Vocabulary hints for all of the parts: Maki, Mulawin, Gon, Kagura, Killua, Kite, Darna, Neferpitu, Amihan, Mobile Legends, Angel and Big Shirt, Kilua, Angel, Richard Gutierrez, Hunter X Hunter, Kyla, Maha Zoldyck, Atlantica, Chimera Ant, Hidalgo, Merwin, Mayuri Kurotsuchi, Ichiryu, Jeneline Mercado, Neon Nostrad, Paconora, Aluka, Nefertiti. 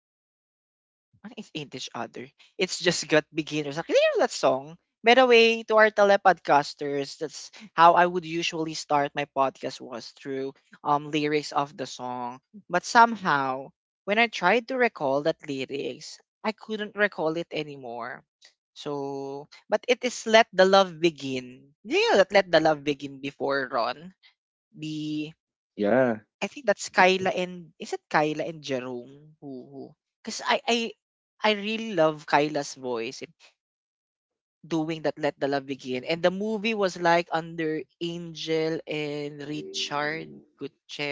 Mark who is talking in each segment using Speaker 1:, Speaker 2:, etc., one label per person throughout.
Speaker 1: each other. What is ain't each other? It's just got beginners. Like, you know that song? By the way, to our telepodcasters, that's how I would usually start my podcast was through lyrics of the song. But somehow, when I tried to recall that lyrics, I couldn't recall it anymore. So, but it is let the love begin. You know that let the love begin before Ron. The
Speaker 2: Yeah,
Speaker 1: I think that's Kyla, and is it Kyla and Jerome who, because I really love Kyla's voice in doing that Let the Love Begin. And the movie was like under Angel and Richard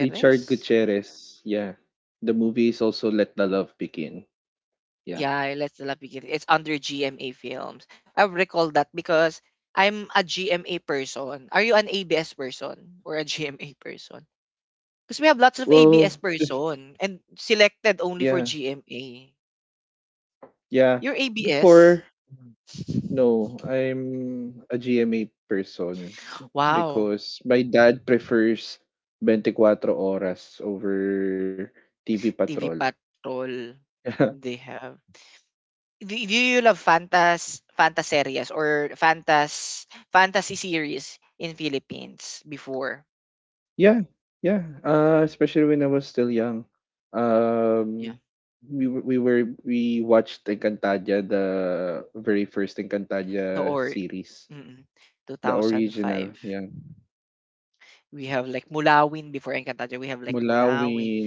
Speaker 2: Richard Gutierrez. Yeah. The movie is also Let the Love Begin. Yeah.
Speaker 1: Yeah, Let the Love Begin. It's under GMA Films. I recall that because I'm a GMA person. Are you an ABS person or a GMA person? Because we have lots of ABS
Speaker 2: Well, bef-
Speaker 1: person and selected only for
Speaker 2: yeah.
Speaker 1: GMA.
Speaker 2: Yeah.
Speaker 1: You're ABS?
Speaker 2: Before, no, I'm a GMA person
Speaker 1: Wow,
Speaker 2: because my dad prefers 24 oras over TV Patrol.
Speaker 1: TV Patrol. They have do do you love fantaseries or fantasy series in Philippines before?
Speaker 2: Yeah, yeah, especially when I was still young.
Speaker 1: Yeah.
Speaker 2: Um, we were we were we watched Encantadia, the very first
Speaker 1: The
Speaker 2: Encantadia
Speaker 1: or
Speaker 2: series,
Speaker 1: mm,
Speaker 2: the
Speaker 1: 2005.
Speaker 2: original. Yeah,
Speaker 1: We have like Mulawin before Encantadia. We have like Mulawin.
Speaker 2: Mulawin.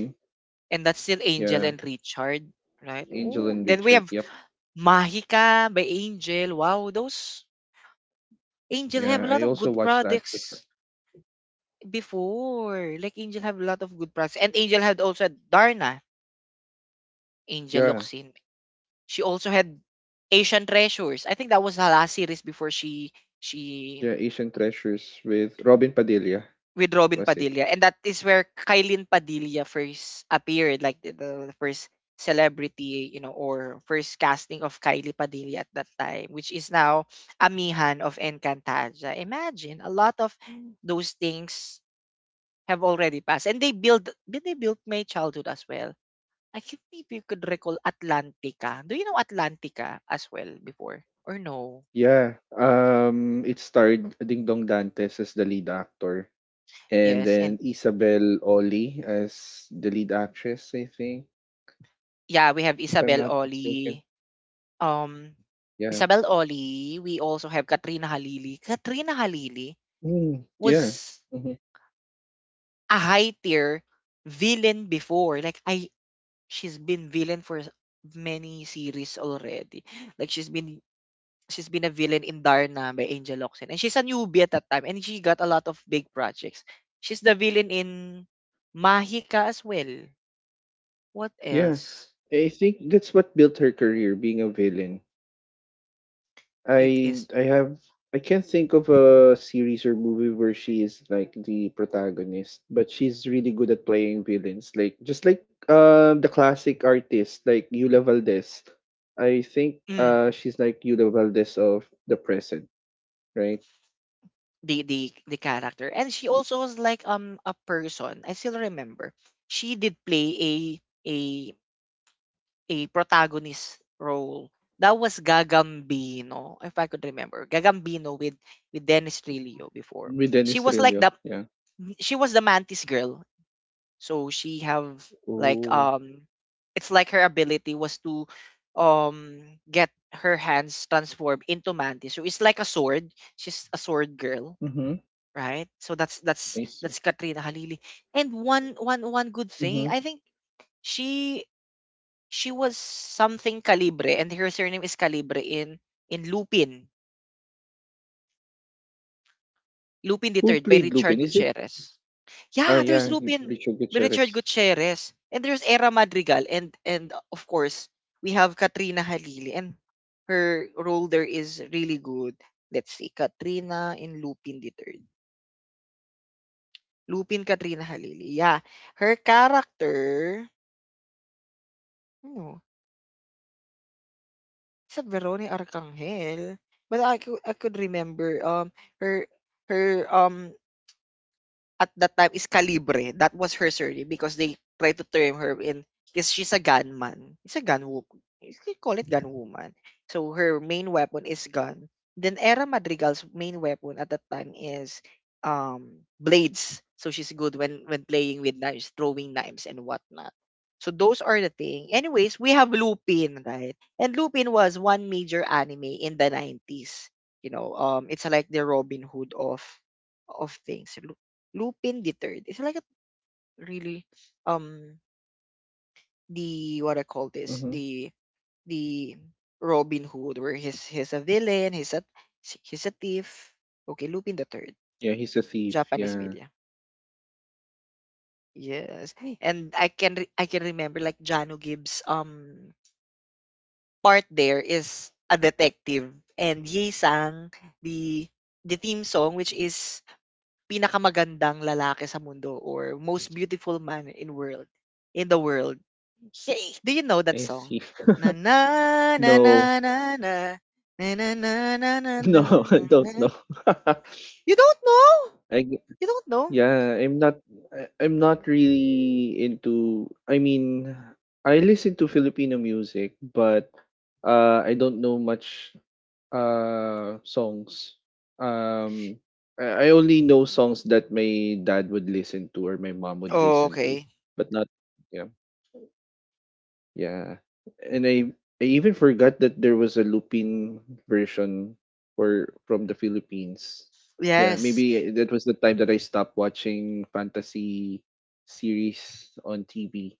Speaker 1: And that's still Angel
Speaker 2: Yeah,
Speaker 1: and Richard, right?
Speaker 2: Angel
Speaker 1: Oh,
Speaker 2: and
Speaker 1: then
Speaker 2: Big
Speaker 1: we
Speaker 2: Shirt.
Speaker 1: have
Speaker 2: Yep.
Speaker 1: Mahika by Angel. Wow, those Angel have a
Speaker 2: Yeah,
Speaker 1: lot
Speaker 2: I
Speaker 1: of
Speaker 2: also
Speaker 1: good
Speaker 2: watched that.
Speaker 1: products. Before, like Angel have a lot of good products. And Angel had also Darna, Angel
Speaker 2: Yeah,
Speaker 1: Locsin. She also had Asian Treasures. I think that was the last series before she
Speaker 2: yeah, Asian Treasures with Robin Padilla,
Speaker 1: with Robin
Speaker 2: was it?
Speaker 1: Padilla. And that is where Kailin Padilla first appeared, like the first celebrity, or first casting of Kylie Padilla at that time, which is now Amihan of Encantaja. Imagine a lot of those things have already passed, and they built my childhood as well. I think maybe you could recall Atlantica. Do you know Atlantica as well before? Or no?
Speaker 2: Yeah. It starred Ding Dong Dantes as the lead actor, and
Speaker 1: Yes, and
Speaker 2: then Isabel Oli as the lead actress, I think,
Speaker 1: yeah, we have
Speaker 2: if I'm
Speaker 1: Isabel
Speaker 2: not mistaken.
Speaker 1: Oli. Um
Speaker 2: Yeah.
Speaker 1: Isabel Oli, we also have Katrina Halili. Katrina Halili
Speaker 2: Mm,
Speaker 1: was
Speaker 2: yeah. Mhm.
Speaker 1: a high tier villain before. Like I she's been villain for many series already. Like she's been a villain in Darna by Angel Locsin. And she's a newbie at that time, and she got a lot of big projects. She's the villain in Mahika as well. What
Speaker 2: Yeah.
Speaker 1: else?
Speaker 2: I think that's what built her career, being a villain.
Speaker 1: It is
Speaker 2: I have I can't think of a series or movie where she is like the protagonist, but she's really good at playing villains. Like just like the classic artist like Yula Valdez. I think
Speaker 1: mm,
Speaker 2: she's like Yula Valdez of the present, right?
Speaker 1: the character. And she also was like a person. I still remember. She did play a a protagonist role. That was Gagambino, if I could remember. Gagambino with Dennis Trillo before.
Speaker 2: With
Speaker 1: She
Speaker 2: Dennis
Speaker 1: was like
Speaker 2: Trillo,
Speaker 1: the,
Speaker 2: yeah.
Speaker 1: she was the mantis girl, so she have like,
Speaker 2: Oh.
Speaker 1: it's like her ability was to, um get her hands transformed into mantis, so it's like a sword. She's a sword girl,
Speaker 2: Ooh. Mhm.
Speaker 1: right? So
Speaker 2: I see.
Speaker 1: that's Katrina Halili. And one good thing,
Speaker 2: Mhm.
Speaker 1: I think, she she was something Calibre, and her surname is Calibre in in lupin Lupin the
Speaker 2: Who
Speaker 1: Third by
Speaker 2: played
Speaker 1: Richard
Speaker 2: Lupin? Is it
Speaker 1: Gutierrez.
Speaker 2: Ah,
Speaker 1: Yeah, there's
Speaker 2: yeah, it's
Speaker 1: Lupin
Speaker 2: Richard
Speaker 1: with
Speaker 2: Gutierrez.
Speaker 1: Richard Gutierrez, and there's Era Madrigal, and of course we have Katrina Halili, and her role there is really good. Let's see, Katrina in Lupin the Third. Lupin Katrina Halili. Yeah, her character, no, it's a Veronica Arcangel, but I could remember, her her, at that time, is Calibre. That was her surname because they tried to term her in because she's a gunman. It's a gun woman. They call it gun woman. So her main weapon is gun. Then Era Madrigal's main weapon at that time is blades. So she's good when playing with knives, throwing knives and whatnot. So those are the thing. Anyways, we have Lupin, right? And Lupin was one major anime in the 90s. You know, it's like the Robin Hood of things. Lupin deterred. It's like a really, um the what I call this,
Speaker 2: Mhm.
Speaker 1: the Robin Hood, where he's a villain, he's a thief. Okay, Lupin the Third,
Speaker 2: Yeah, he's a thief,
Speaker 1: Japanese
Speaker 2: yeah.
Speaker 1: media. Yes, and I can remember like Jano Gibbs, part there is a detective, and Ye Sang the theme song, which is pinakamagandang lalaki sa mundo, or most beautiful man in world in the world. Hey, do you know that
Speaker 2: I see.
Speaker 1: song? Na na na
Speaker 2: No.
Speaker 1: na na na na na na na na na
Speaker 2: No, I don't
Speaker 1: na.
Speaker 2: know.
Speaker 1: You don't know?
Speaker 2: I g-
Speaker 1: You don't know?
Speaker 2: yeah, I'm not really into, I mean, I listen to Filipino music, but I don't know much songs. um I only know songs that my dad would listen to or my mom would
Speaker 1: Oh,
Speaker 2: listen to,
Speaker 1: okay.
Speaker 2: but not, yeah, yeah. And I even forgot that there was a Lupin version for from the Philippines. Yeah,
Speaker 1: Yes.
Speaker 2: maybe that was the time that I stopped watching fantasy series on TV.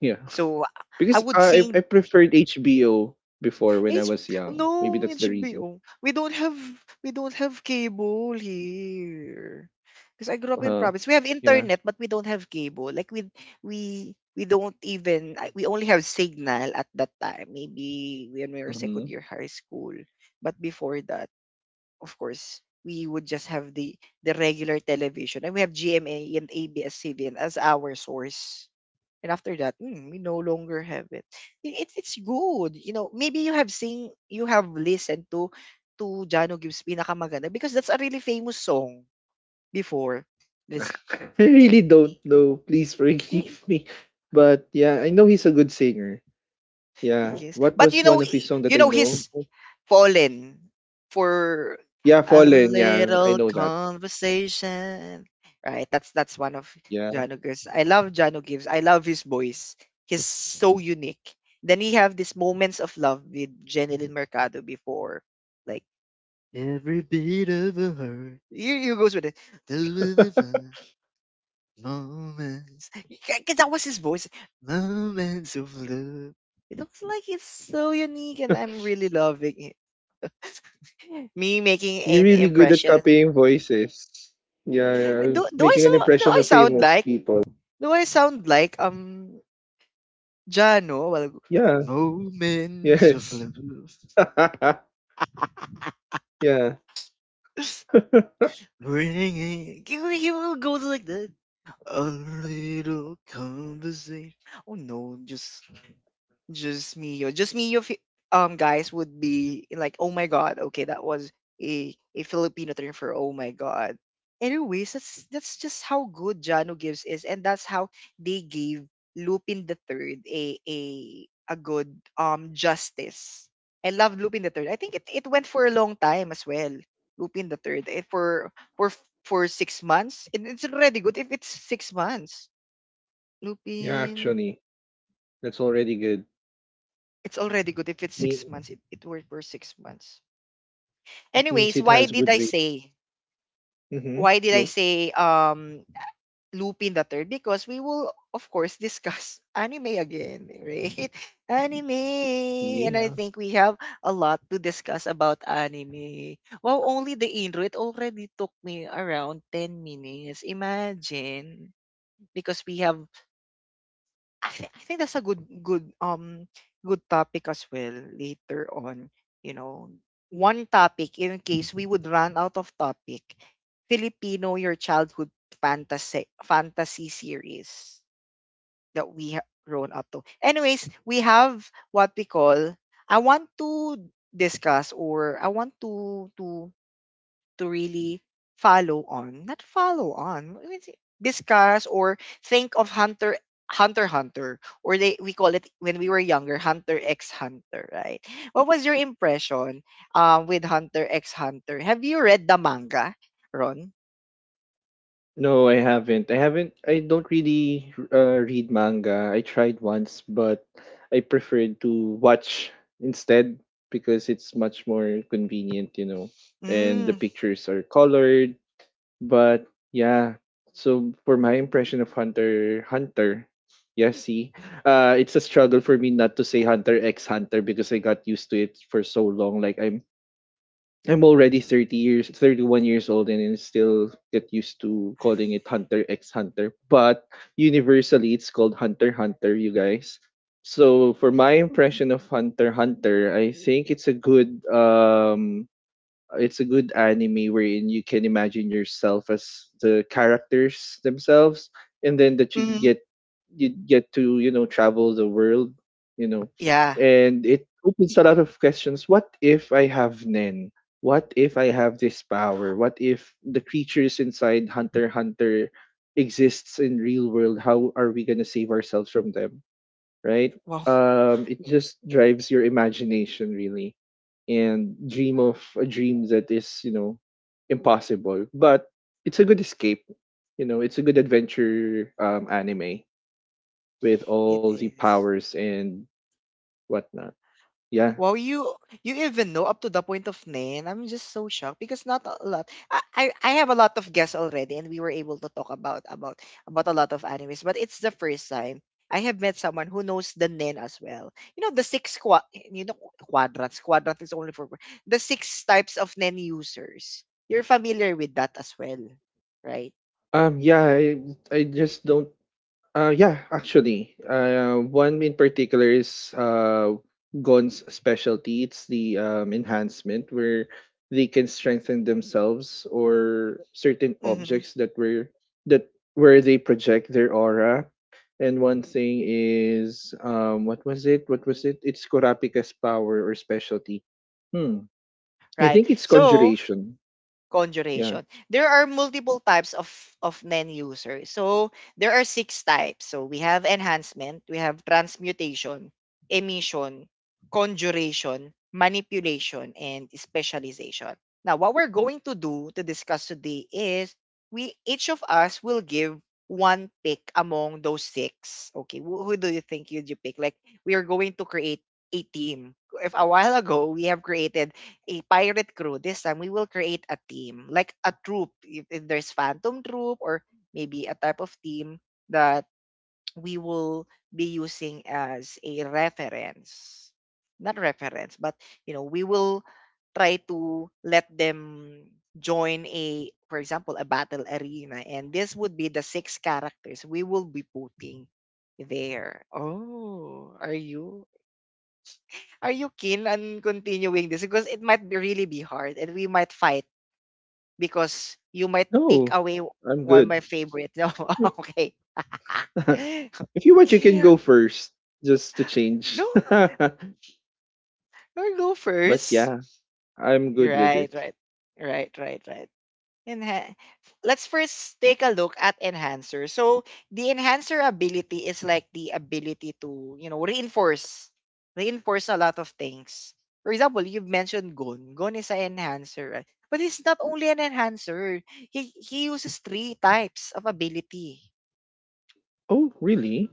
Speaker 2: Yeah.
Speaker 1: So I I
Speaker 2: Because
Speaker 1: would
Speaker 2: I
Speaker 1: sing
Speaker 2: preferred HBO before when I
Speaker 1: H
Speaker 2: was young. Maybe
Speaker 1: no,
Speaker 2: that's the reason.
Speaker 1: HBO. We don't have cable here. Because I grew up in
Speaker 2: uh
Speaker 1: province. We have
Speaker 2: yeah.
Speaker 1: internet, but we don't have cable. Like we don't even, we only have signal at that time. Maybe when we were second
Speaker 2: Mhm.
Speaker 1: year high school. But before that, of course, we would just have the regular television, and we have GMA and ABS-CBN as our source. And after that, we no longer have it. It's good. You know, maybe you have seen, you have listened to Jano Gibbs Pinakamaganda, because that's a really famous song before. This,
Speaker 2: I really don't know. Please forgive me. But yeah, I know he's a good singer. Yeah.
Speaker 1: yes.
Speaker 2: What
Speaker 1: But
Speaker 2: was one of his song that
Speaker 1: you
Speaker 2: I
Speaker 1: know
Speaker 2: know?
Speaker 1: his Fallen for
Speaker 2: Yeah,
Speaker 1: a
Speaker 2: Fallen. Yeah, I
Speaker 1: little
Speaker 2: know that.
Speaker 1: conversation. Right, that's one of
Speaker 2: Yeah.
Speaker 1: Jano Gibbs. I love Jano Gibbs. I love his voice. He's so unique. Then we have these moments of love with Jeneline Mercado before, like every beat of a hurt. Here goes with it. Moments, because that was his voice. Moments of love. It looks like it's so unique, and I'm really loving it. Me making
Speaker 2: You're
Speaker 1: an
Speaker 2: really good at
Speaker 1: impression.
Speaker 2: copying voices. Yeah, yeah.
Speaker 1: Do do I
Speaker 2: Making
Speaker 1: so
Speaker 2: an
Speaker 1: do
Speaker 2: impression
Speaker 1: I
Speaker 2: of
Speaker 1: sound
Speaker 2: famous
Speaker 1: like
Speaker 2: people.
Speaker 1: do I sound like um Jano? Well,
Speaker 2: Yeah.
Speaker 1: moments of
Speaker 2: Yes.
Speaker 1: love.
Speaker 2: Yeah.
Speaker 1: Bringing he will go like that. A little conversation. Oh no, Just me, yo. Just me, yo. Guys would be like, oh my god, okay, that was a Filipino term for oh my god. Anyways, that's just how good Jano Gibbs is, and that's how they gave Lupin the Third a good, justice. I love Lupin the Third. I think it went for a long time as well. Lupin the Third, for 6 months. It's already good if it's 6 months.
Speaker 2: Yeah,
Speaker 1: Lupin
Speaker 2: actually. That's already good.
Speaker 1: It's already good if it's
Speaker 2: Me
Speaker 1: 6 months. It worked for 6 months.
Speaker 2: It means
Speaker 1: Anyways,
Speaker 2: it
Speaker 1: why
Speaker 2: has
Speaker 1: did
Speaker 2: good
Speaker 1: I
Speaker 2: rate.
Speaker 1: say?
Speaker 2: Mm-hmm.
Speaker 1: Why did I
Speaker 2: Go.
Speaker 1: say, Lupin the Third? Because we will of course discuss anime again, right? Anime, and I
Speaker 2: Yeah.
Speaker 1: think we have a lot to discuss about anime. Wow, only the intro. It already took me around 10 minutes. Imagine, because we have, I think that's a good, good topic as well later on, you know. One topic in case we would run out of topic, Filipino your childhood fantasy series that we have grown up to. Anyways, we have what we call, I want to discuss, or I want to really follow on, not follow on, we would say discuss or think of Hunter Hunter, or they we call it when we were younger, Hunter X Hunter, right? What was your impression, with Hunter X Hunter? Have you read the manga, Ron?
Speaker 2: No, I haven't. I haven't. I don't really, read manga. I tried once, but I preferred to watch instead, because it's much more convenient, you know, and the
Speaker 1: Mm,
Speaker 2: pictures are colored. But yeah. So for my impression of Hunter Hunter, yeah, see, it's a struggle for me not to say Hunter X Hunter because I got used to it for so long. Like I'm already 30 years, 31 years old, and I still get used to calling it Hunter x Hunter. But universally, it's called Hunter x Hunter, you guys. So for my impression of Hunter x Hunter, I think it's a good anime wherein you can imagine yourself as the characters themselves, and then that
Speaker 1: mm,
Speaker 2: you get to, you know, travel the world, you know.
Speaker 1: yeah.
Speaker 2: And it opens a lot of questions. What if I have nen? What if I have this power? What if the creatures inside Hunter x Hunter exists in real world? How are we going to save ourselves from them, right?
Speaker 1: Well,
Speaker 2: It just drives your imagination really, and dream of a dream that is, you know, impossible. But it's a good escape. You know, it's a good adventure, anime, with all
Speaker 1: it
Speaker 2: the
Speaker 1: is.
Speaker 2: powers and whatnot. Yeah.
Speaker 1: Wow, you even know up to the point of name. I'm just so shocked because not a lot. I have a lot of guests already, and we were able to talk about a lot of animes. But it's the first time I have met someone who knows the nen as well. You know the six quadrants. Quadrant is only for the six types of nen users. You're familiar with that as well, right?
Speaker 2: Yeah. I just don't yeah, actually, one in particular is, Gon's specialty. It's the, enhancement, where they can strengthen themselves or certain
Speaker 1: Mm-hmm.
Speaker 2: objects that were that where they project their aura. And one thing is, what was it? What was it? It's Kurapika's power or specialty. Hmm. I
Speaker 1: Right.
Speaker 2: think it's
Speaker 1: So
Speaker 2: conjuration. Yeah.
Speaker 1: conjuration. There are multiple types of NEN user. So there are six types. So we have enhancement, we have transmutation, emission, conjuration, manipulation, and specialization. Now, what we're going to do to discuss today is, we each of us will give one pick among those six. Okay, who do you think you pick? Like, we are going to create a team. If a while ago we have created a pirate crew, this time we will create a team, like a troop, if there's phantom troop, or maybe a type of team that we will be using as a reference, not reference, but we will try to let them join a for example, a battle arena, and this would be the six characters we will be putting there. Oh, are you keen on continuing this? Because it might be really be hard, and we might fight because you might take
Speaker 2: No,
Speaker 1: away
Speaker 2: I'm
Speaker 1: one of
Speaker 2: good.
Speaker 1: my favorite. No, okay.
Speaker 2: If you want, you can go first just to change.
Speaker 1: No,
Speaker 2: But
Speaker 1: or go first.
Speaker 2: yeah, I'm good with
Speaker 1: Right,
Speaker 2: it.
Speaker 1: right, right, right, right. Enha- Let's first take a look at enhancer. So the enhancer ability is like the ability to, reinforce, a lot of things. For example, you've mentioned Gon. Gon is an enhancer, right? But he's not only an enhancer. He uses three types of ability.
Speaker 2: Oh, really?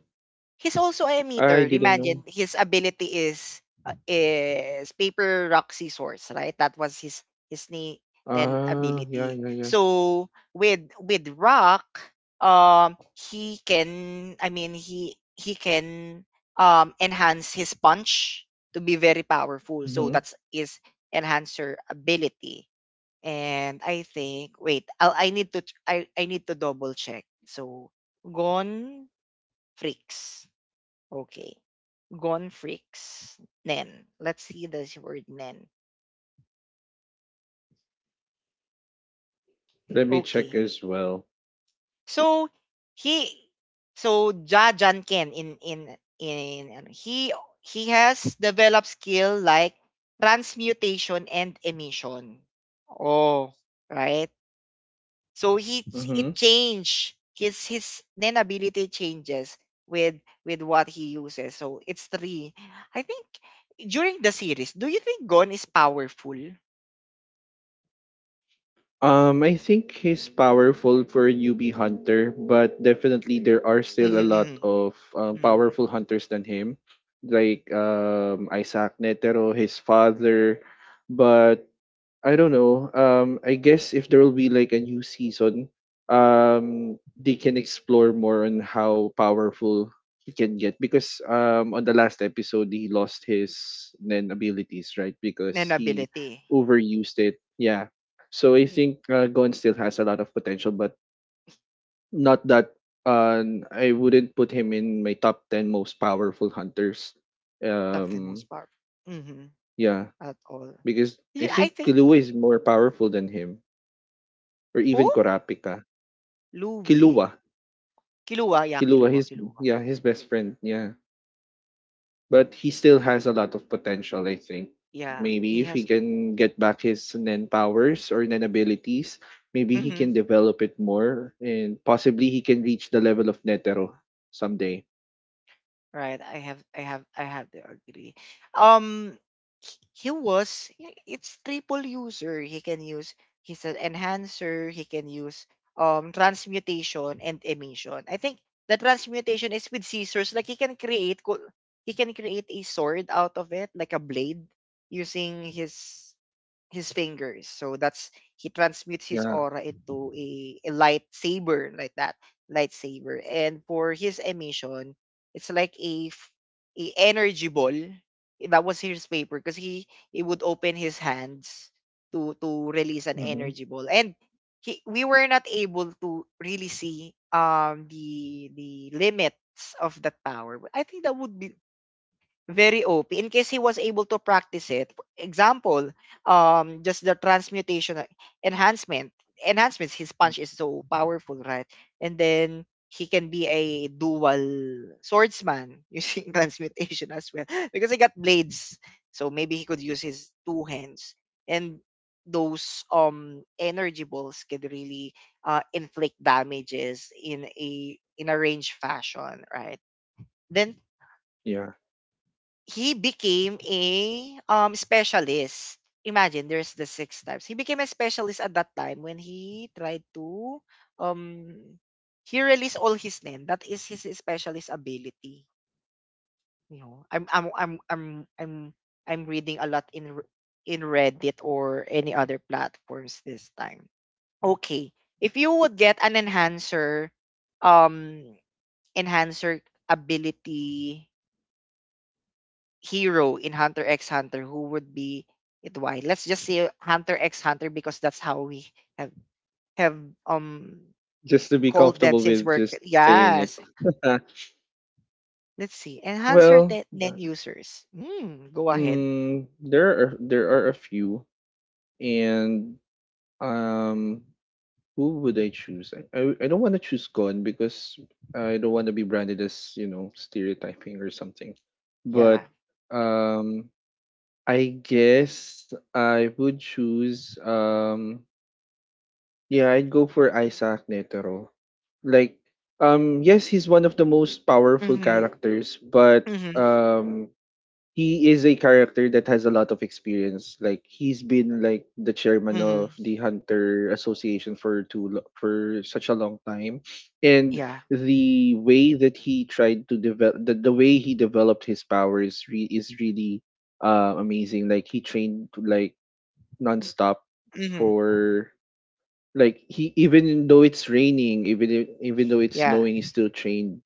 Speaker 1: He's also a
Speaker 2: I
Speaker 1: meter.
Speaker 2: didn't
Speaker 1: Imagine
Speaker 2: know.
Speaker 1: his ability is paper rock scissors, right? That was his knee then
Speaker 2: Ah, yeah,
Speaker 1: ability.
Speaker 2: yeah, yeah.
Speaker 1: So with rock, he can. I mean, he can enhance his punch to be very powerful. So
Speaker 2: Hmm.
Speaker 1: that's his enhancer ability. And I think, wait, I need to double check. So gone freaks. Okay. Gone freaks. Nen. Let's see this word nen.
Speaker 2: Let me check
Speaker 1: Okay.
Speaker 2: as well.
Speaker 1: So he so Ja Jan Ken in ano, he has developed skill like transmutation and emission. Oh, right. So he
Speaker 2: Hmm.
Speaker 1: it change his nen ability changes with what he uses. So it's three. I think during the series, do you think Gon is powerful?
Speaker 2: I think he's powerful for a newbie hunter, but definitely there are still
Speaker 1: Mhm,
Speaker 2: a lot
Speaker 1: mhm,
Speaker 2: of,
Speaker 1: mhm.
Speaker 2: powerful hunters than him, like Isaac Netero, his father. But I don't know. I guess if there will be like a new season, they can explore more on how powerful he can get, because on the last episode he lost his Nen abilities, right? Because
Speaker 1: And
Speaker 2: he
Speaker 1: ability,
Speaker 2: overused it. Yeah. So I think, Gon still has a lot of potential, but not that. I wouldn't put him in my top ten most powerful hunters.
Speaker 1: of the
Speaker 2: Um,
Speaker 1: most part. Mhm.
Speaker 2: yeah,
Speaker 1: At all.
Speaker 2: because I
Speaker 1: Yeah, I
Speaker 2: think
Speaker 1: think,
Speaker 2: Killua is more powerful than him, or
Speaker 1: who?
Speaker 2: even Kurapika.
Speaker 1: Louis?
Speaker 2: Kilua,
Speaker 1: Kilua, yeah,
Speaker 2: Kilua,
Speaker 1: Kilua,
Speaker 2: his,
Speaker 1: Kilua.
Speaker 2: yeah, his best friend, yeah. But he still has a lot of potential, I think.
Speaker 1: Yeah, he
Speaker 2: Maybe if he
Speaker 1: has.
Speaker 2: can get back his Nen powers or Nen abilities, maybe he
Speaker 1: Mm-hmm.
Speaker 2: can develop it more, and possibly he can reach the level of Netero someday.
Speaker 1: Right. I have to agree. Um he was, yeah, it's triple user. He's an enhancer, he can use transmutation and emission. I think the transmutation is with scissors. Like he can create a sword out of it, like a blade, using his fingers. So that's he transmutes his
Speaker 2: Yeah.
Speaker 1: aura into a lightsaber, like that lightsaber. And for his emission, it's like a energy ball. That was his paper because he would open his hands to release an
Speaker 2: Mm-hmm.
Speaker 1: energy ball. And he we were not able to really see the limits of that power. I think that would be very OP in case he was able to practice it. Example, just the transmutation, enhancement. Enhancements, his punch is so powerful, right? And then he can be a dual swordsman using transmutation as well because he got blades. So maybe he could use his two hands, and those energy balls can really inflict damages in a range fashion, right? Then
Speaker 2: Yeah.
Speaker 1: he became a specialist. Imagine there's the six types. He became a specialist at that time when he tried to um he released all his nen. That is his specialist ability. You know, I'm I'm reading a lot in in Reddit or any other platforms this time. Okay. If you would get an um enhancer ability hero in Hunter x Hunter, who would be it, why? Let's just say Hunter x Hunter because that's how we have have um
Speaker 2: Just to be
Speaker 1: called them
Speaker 2: comfortable
Speaker 1: since
Speaker 2: with
Speaker 1: we're,
Speaker 2: just saying it.
Speaker 1: yes.
Speaker 2: Uh,
Speaker 1: Let's see, enhancer
Speaker 2: well,
Speaker 1: 10, 10 users, mm, go ahead,
Speaker 2: mm, there are a few, and um who would I choose? I don't want to choose Gon because I don't want to be branded as, you know, stereotyping or something. But
Speaker 1: yeah,
Speaker 2: um, I guess I would choose Yeah, I'd go for Isaac Netero. Like, yes, he's one of the most powerful
Speaker 1: mm-hmm,
Speaker 2: characters, but,
Speaker 1: mm-hmm,
Speaker 2: um, he is a character that has a lot of experience. Like he's been like the chairman of
Speaker 1: mm-hmm.
Speaker 2: the Hunter Association for for such a long time, and
Speaker 1: Yeah,
Speaker 2: the way that he tried to develop the way he developed his powers is really, amazing. Like he trained like nonstop
Speaker 1: mm-hmm,
Speaker 2: for, like, he even though it's raining, even even though it's
Speaker 1: yeah,
Speaker 2: snowing, he's still trained,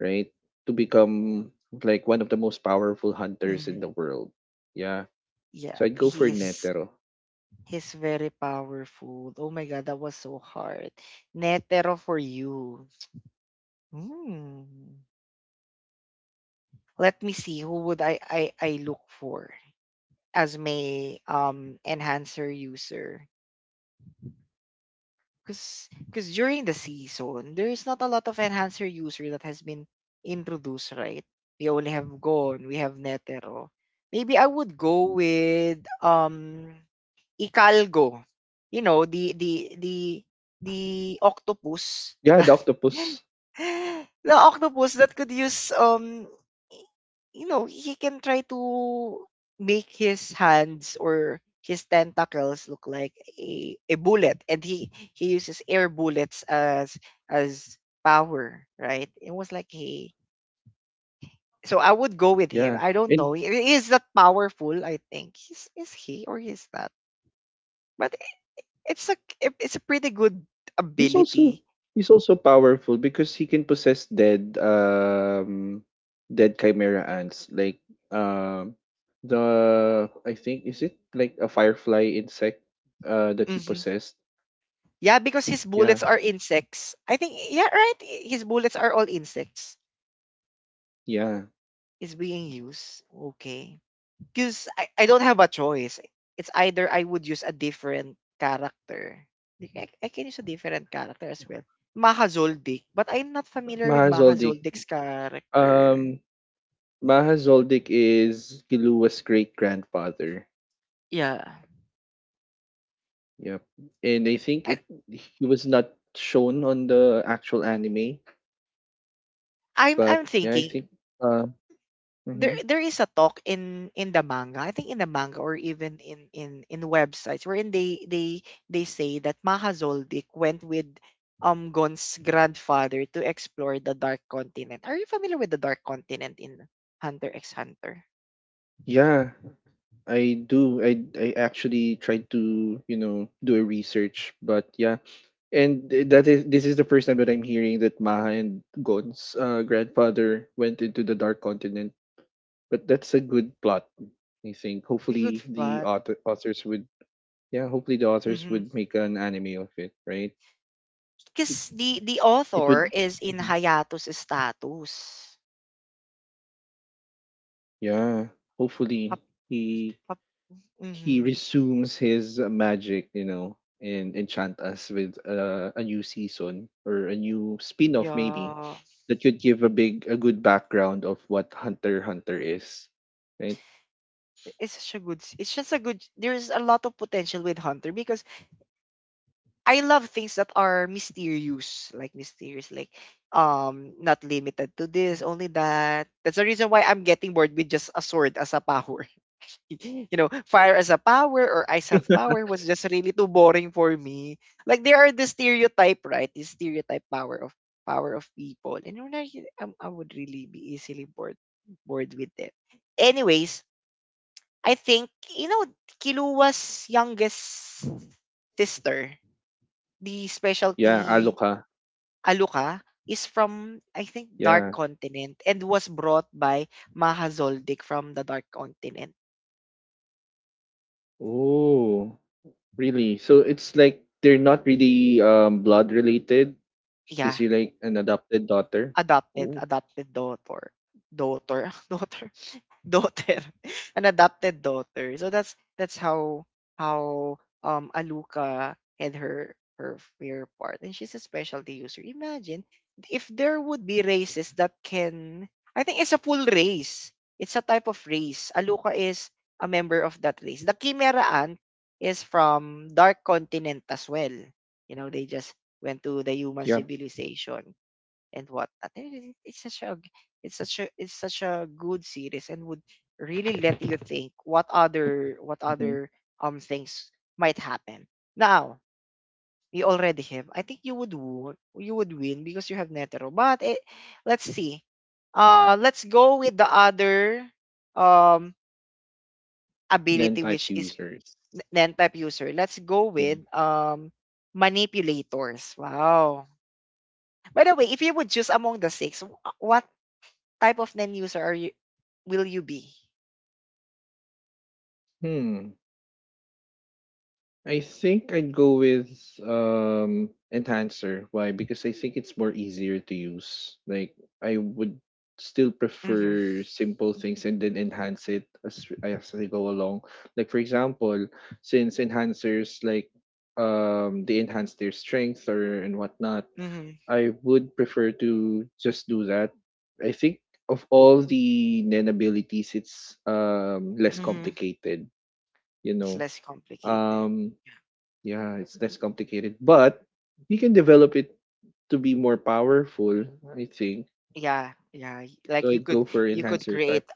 Speaker 2: right, to become like one of the most powerful hunters
Speaker 1: mm-hmm.
Speaker 2: in the world. Yeah,
Speaker 1: Yeah,
Speaker 2: so I'd go for Netero.
Speaker 1: he's very powerful. Oh my god, that was so hard. Netero for you. Mm. Let me see who would I I look for as my enhancer user, because during the season there's not a lot of enhancer user that has been introduced, right? We only have Gon, we have Netero. Maybe I would go with Hidalgo, you know,
Speaker 2: Yeah, the
Speaker 1: the
Speaker 2: octopus.
Speaker 1: octopus that the octopus that could use y- he can try to make his hands or his tentacles look like a bullet, and he uses air bullets as as power, right? It was like he So I would go with
Speaker 2: Yeah,
Speaker 1: him. I don't
Speaker 2: and
Speaker 1: know. Is that powerful? I think. Is he, or is that? But it's a it's a pretty good
Speaker 2: he's also
Speaker 1: ability.
Speaker 2: he's also powerful because he can possess dead, dead chimera ants, like, um the, I think, is it like a firefly insect, that he
Speaker 1: Hmm.
Speaker 2: possessed.
Speaker 1: Yeah, because his
Speaker 2: Yeah.
Speaker 1: bullets are insects. I think, yeah, right. His bullets are all insects.
Speaker 2: Yeah,
Speaker 1: Is being used. Okay. Because I don't have a choice. It's either I would use a different character. Like, I can use a different character as well. Maha Zoldyck. But I'm not familiar with
Speaker 2: Maha
Speaker 1: Maha
Speaker 2: Zoldyck.
Speaker 1: Zoldyck's character.
Speaker 2: Um, Maha Zoldyck is Kilua's great grandfather.
Speaker 1: Yeah.
Speaker 2: Yep, and I think
Speaker 1: I,
Speaker 2: it he was not shown on the actual anime,
Speaker 1: I'm
Speaker 2: but yeah, I
Speaker 1: thinking.
Speaker 2: think. Uh,
Speaker 1: There
Speaker 2: mhm.
Speaker 1: is a talk in the manga, I think, in the manga, or even in websites wherein they say that Maha Zoldyck went with Gon's grandfather to explore the Dark Continent. Are you familiar with the Dark Continent in Hunter x Hunter?
Speaker 2: Yeah, I do. I actually tried to, you know, do a research, but yeah, and that is, this is the first time that I'm hearing that Maha and Gon's, grandfather went into the Dark Continent. But that's a good plot, I think.
Speaker 1: The
Speaker 2: Hopefully
Speaker 1: good
Speaker 2: the
Speaker 1: spot.
Speaker 2: authors would, yeah, hopefully the authors would make an anime of it, right? It
Speaker 1: Because the
Speaker 2: it
Speaker 1: author
Speaker 2: would
Speaker 1: is in
Speaker 2: Mhm.
Speaker 1: hiatus status.
Speaker 2: Yeah. Hopefully
Speaker 1: Up.
Speaker 2: he
Speaker 1: Up.
Speaker 2: he
Speaker 1: Mhm.
Speaker 2: resumes his, magic, you know, and enchant us with, a new season or a new spin-off, maybe,
Speaker 1: Yeah.
Speaker 2: that could give a good background of what Hunter x Hunter is, right?
Speaker 1: It's just a good, there's a lot of potential with Hunter because I love things that are mysterious, like not limited to this, only that. That's the reason why I'm getting bored with just a sword as a power. You know, fire as a power or ice as power was just really too boring for me. Like there are the stereotype, right? The stereotype power of people, and when I would really be easily bored with them. Anyways, I think, you know Kiluwa's youngest sister, the
Speaker 2: Yeah,
Speaker 1: specialty,
Speaker 2: Aloka.
Speaker 1: Aluka, is from, I think,
Speaker 2: Yeah.
Speaker 1: Dark Continent, and was brought by Maha Zoldyck from the Dark Continent.
Speaker 2: Oh. Really? So it's like they're not really blood related. Is
Speaker 1: Yeah.
Speaker 2: she like an adopted daughter?
Speaker 1: adopted
Speaker 2: Oh,
Speaker 1: adopted daughter daughter daughter. An adopted daughter, so that's how how Aluka had her fear part, and she's a specialty user. Imagine if there would be races that can, I think it's a full race, it's a type of race. Aluka is a member of that race. The chimera ant is from Dark Continent as well. You know, they just went to the human
Speaker 2: yeah.
Speaker 1: civilization and whatnot. And it's such a good series and would really let you think what
Speaker 2: Mm-hmm.
Speaker 1: other things might happen. Now we already have. I think you would win because you have Netero. But it, let's see. Let's go with the other um
Speaker 2: Then
Speaker 1: ability,
Speaker 2: type
Speaker 1: which is
Speaker 2: users.
Speaker 1: N type user. Let's go
Speaker 2: Yeah.
Speaker 1: with manipulators. Wow. By the way, if you would choose among the six, what type of end user are you will you be?
Speaker 2: Hmm. I think I'd go with enhancer. Why? Because I think it's more easier to use. Like I would still
Speaker 1: Mm-hmm.
Speaker 2: prefer simple things, and then enhance it as I go along. Like for example, since enhancers like, they enhance their strength or and whatnot,
Speaker 1: Mm-hmm.
Speaker 2: I would prefer to just do that. I think of all the Nen abilities, it's, less
Speaker 1: Mm-hmm.
Speaker 2: complicated, you
Speaker 1: It's
Speaker 2: know.
Speaker 1: less complicated.
Speaker 2: Um yeah, it's less complicated, but you can develop it to be more powerful, I think.
Speaker 1: Yeah. Yeah.
Speaker 2: So
Speaker 1: Like
Speaker 2: I'd go for
Speaker 1: you could
Speaker 2: enhancer
Speaker 1: create
Speaker 2: type,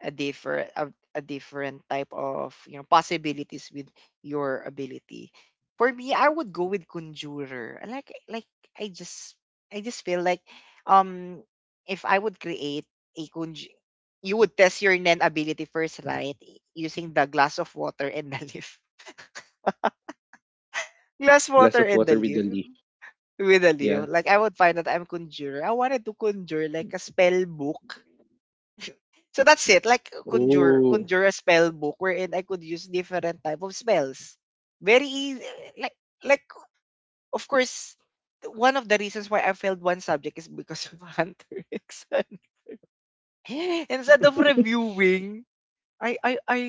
Speaker 1: a different a different type of possibilities with your ability. For me, I would go with conjurer. Like I just I just feel like um if I would create a conj you would test your Nen ability first, right? Using the glass of water and the leaf. Glass
Speaker 2: glass
Speaker 1: water
Speaker 2: of
Speaker 1: and the
Speaker 2: water with
Speaker 1: leaf,
Speaker 2: the leaf.
Speaker 1: with a leaf.
Speaker 2: Yeah.
Speaker 1: Like I would find that I'm conjurer. I wanted to conjure like a spell book. So that's it. Like
Speaker 2: Oh,
Speaker 1: conjure a spell book wherein I could use different type of spells. Very easy. like like, of course, one of the reasons why I failed one subject is because of Hunter X Hunter. Instead of reviewing, I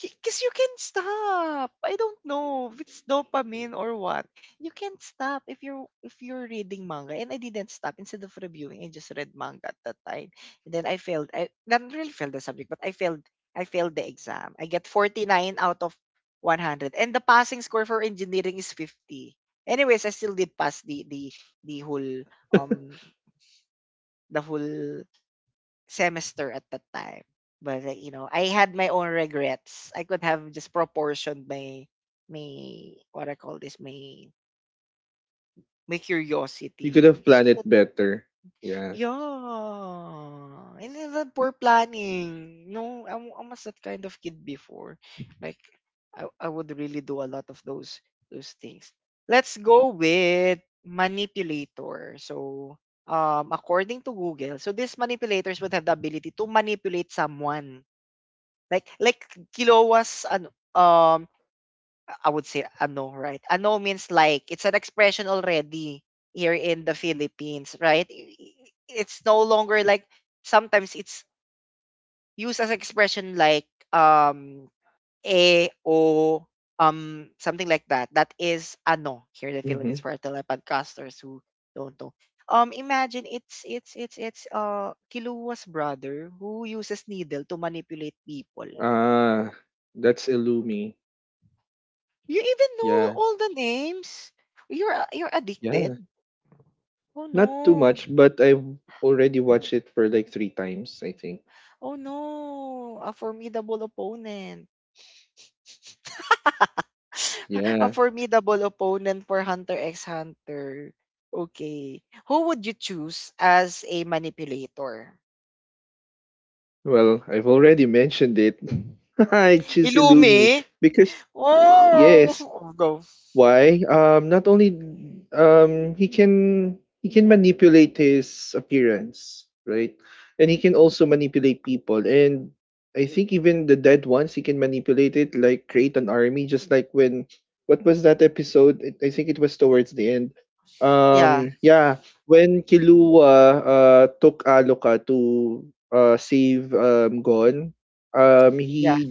Speaker 1: because you can stop. I don't know if it's dopamine or what. You can't stop if you're reading manga. And I didn't stop instead of reviewing. I just read manga at that time. And then I failed. I not really failed the subject, but I failed. I failed the exam. I get 49 out of 100, and the passing score for engineering is 50. Anyways, I still did pass the whole um the whole semester at that time. But, like, I had my own regrets. I could have just proportioned my my what I call this my my
Speaker 2: you could
Speaker 1: curiosity,
Speaker 2: have
Speaker 1: because
Speaker 2: planned
Speaker 1: you could.
Speaker 2: it better. Yeah.
Speaker 1: Yeah, and then the poor planning. No, I was that kind of kid before. Like I would really do a lot of those things. Let's go with manipulator. So, according to Google, so these manipulators would have the ability to manipulate someone. Like kilowas ano, I would say ano, right? Ano means like it's an expression already here in the Philippines, right? It's no longer like, sometimes it's used as expression like eh o, something like that. That is ano here in the
Speaker 2: Mm-hmm.
Speaker 1: Philippines for our telepodcasters who don't know. Imagine it's Kiluwa's brother who uses needle to manipulate people.
Speaker 2: Ah, that's Illumi.
Speaker 1: You even know
Speaker 2: Yeah.
Speaker 1: all the names. You're
Speaker 2: Yeah.
Speaker 1: addicted. Oh
Speaker 2: Not too
Speaker 1: no.
Speaker 2: much, but I've already watched it for like three times, I think.
Speaker 1: Oh no. A formidable opponent. A
Speaker 2: Yeah.
Speaker 1: formidable opponent for Hunter x Hunter. Okay. Who would you choose as a manipulator?
Speaker 2: Well, I've already mentioned it. I choose
Speaker 1: Ilumi?
Speaker 2: Illumi because,
Speaker 1: Oh,
Speaker 2: yes.
Speaker 1: go.
Speaker 2: Why? Not only, he can manipulate his appearance, right? And he can also manipulate people. And I think even the dead ones, he can manipulate it, like create an army, just like when, what was that episode? It, I think it was towards the end.
Speaker 1: Yeah,
Speaker 2: Yeah, when Kilua, took Aloka to, save, Gon, um,
Speaker 1: yeah.
Speaker 2: he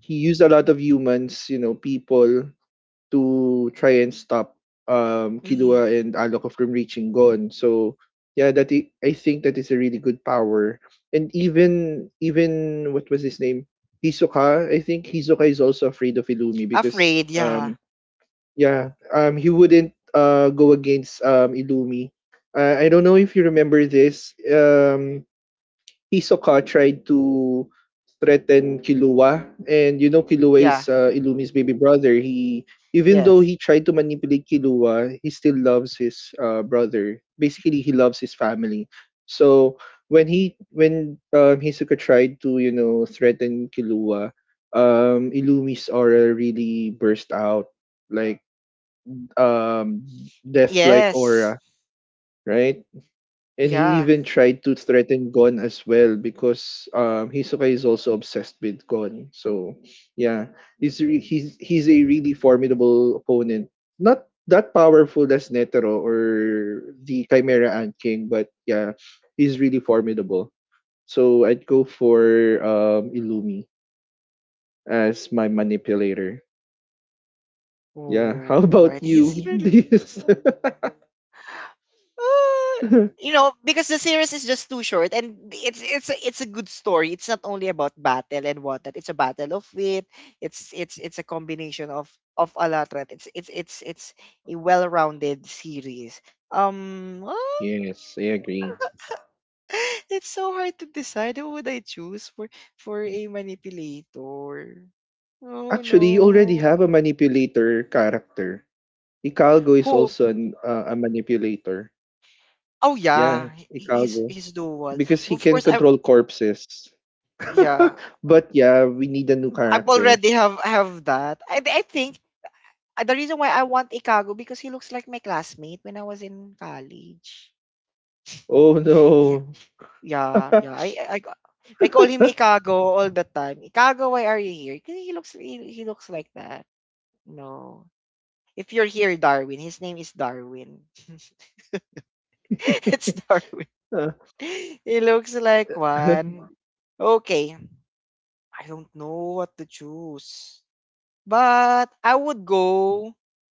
Speaker 2: he used a lot of humans, you know, people, to try and stop,
Speaker 1: Mhm.
Speaker 2: Killua and Alok from reaching Gon. So yeah, that I think that is a really good power. And even what was his name? Hisoka. I think Hisoka is also afraid of Illumi because,
Speaker 1: Afraid, yeah.
Speaker 2: yeah, he wouldn't, go against, Illumi. I don't know if you remember this. Hisoka tried to threaten Killua, and you know Killua
Speaker 1: Yeah.
Speaker 2: is, Illumi's baby brother. He, even though
Speaker 1: Yes.
Speaker 2: he tried to manipulate Killua, he still loves his, brother. Basically, he loves his family. So when Hisoka tried to threaten Killua, Illumi's aura really burst out like um death like
Speaker 1: Yes.
Speaker 2: aura, right? And he
Speaker 1: Yeah.
Speaker 2: even tried to threaten Gon as well because Hisoka is also obsessed with Gon. So yeah, he's a really formidable opponent. Not that powerful as Netero or the Chimera Ant King, but yeah, he's really formidable. So I'd go for Illumi as my manipulator. Yeah. How about
Speaker 1: Alrighty, it's
Speaker 2: you?
Speaker 1: really,
Speaker 2: This.
Speaker 1: uh, you know, because the series is just too short, and it's a good story. It's not only about battle and whatnot. It's a battle of wit. It's a combination of a lot. Right? It's a well-rounded series. Ah,
Speaker 2: Yes, I agree.
Speaker 1: it's so hard to decide who would I choose for a manipulator. Oh
Speaker 2: Actually, you already
Speaker 1: no.
Speaker 2: have a manipulator character. Hidalgo is
Speaker 1: Who?
Speaker 2: also an a manipulator.
Speaker 1: Oh
Speaker 2: Yeah,
Speaker 1: yeah,
Speaker 2: Hidalgo.
Speaker 1: he's dual.
Speaker 2: Because he
Speaker 1: But of
Speaker 2: can
Speaker 1: course I
Speaker 2: control corpses.
Speaker 1: yeah,
Speaker 2: But yeah, we need a new
Speaker 1: I've
Speaker 2: character.
Speaker 1: already have that. I think the reason why I want Ikago because he looks like my classmate when I was in college.
Speaker 2: Oh
Speaker 1: Yeah,
Speaker 2: no.
Speaker 1: yeah, yeah. I call him Ikago all the time. Ikago, why are you here? 'Cause he looks like that. No, if you're here, Darwin. His name is Darwin. It's Darwin. He looks like one. Okay, I don't know what to choose. But I would go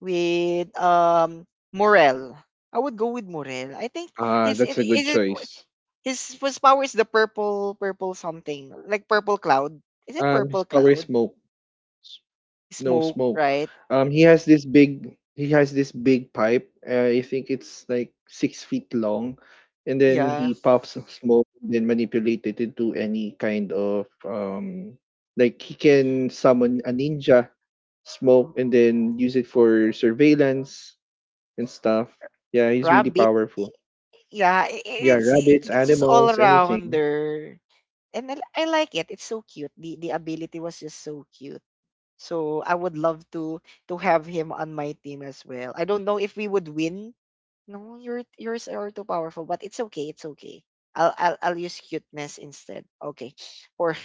Speaker 1: with Morel. I would go with Morel. I think
Speaker 2: Ah,
Speaker 1: his it
Speaker 2: that's a good
Speaker 1: is it
Speaker 2: choice.
Speaker 1: his power is the purple something like purple cloud. Is it purple
Speaker 2: His power is
Speaker 1: cloud?
Speaker 2: smoke. No
Speaker 1: Smoke,
Speaker 2: smoke.
Speaker 1: right?
Speaker 2: He has this big pipe. I think it's like 6 feet long, and then
Speaker 1: Yeah,
Speaker 2: he puffs smoke and then manipulate it into any kind of like he can summon a ninja smoke and then use it for surveillance and stuff. Yeah, he's really
Speaker 1: rabbit.
Speaker 2: powerful.
Speaker 1: Yeah, i- i-
Speaker 2: Yeah,
Speaker 1: it's
Speaker 2: rabbits,
Speaker 1: it's just all
Speaker 2: animals, anything.
Speaker 1: arounder, and I like it. It's so cute. The ability was just so cute. So I would love to have him on my team as well. I don't know if we would win. No, yours are too powerful, but it's okay, it's okay. I'll use cuteness instead. Okay. Or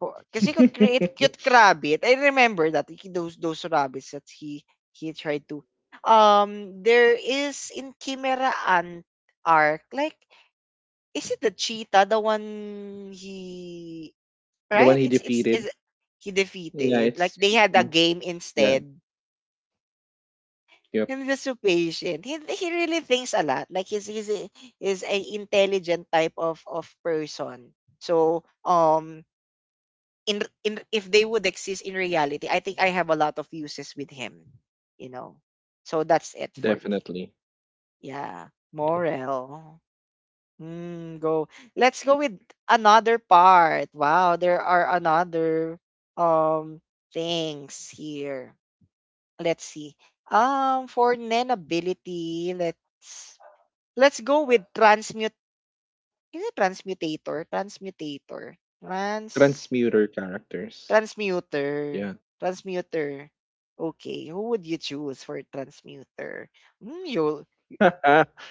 Speaker 1: or because he could create cute rabbit. I remember that those rabbits that he tried to. There is in Chimera Ant arc. Like, is it the cheetah the one he,
Speaker 2: The one
Speaker 1: right?
Speaker 2: he
Speaker 1: It's
Speaker 2: defeated.
Speaker 1: is he
Speaker 2: Yeah,
Speaker 1: defeated. Like
Speaker 2: it's
Speaker 1: they had a game
Speaker 2: yeah,
Speaker 1: instead.
Speaker 2: yep,
Speaker 1: I'm just so patient. He really thinks a lot. Like is a intelligent type of person. So in if they would exist in reality, I think I have a lot of uses with him. You know. So that's it for me.
Speaker 2: definitely.
Speaker 1: Yeah. Morel. Hmm, go. Let's go with another part. Wow, there are another um things here. Let's see. For nanability, let's go with transmute. Is it transmutator? Transmutator. Trans
Speaker 2: Transmuter characters.
Speaker 1: transmuter.
Speaker 2: Yeah.
Speaker 1: Transmuter. Okay, who would you choose for transmuter? Hmm. You.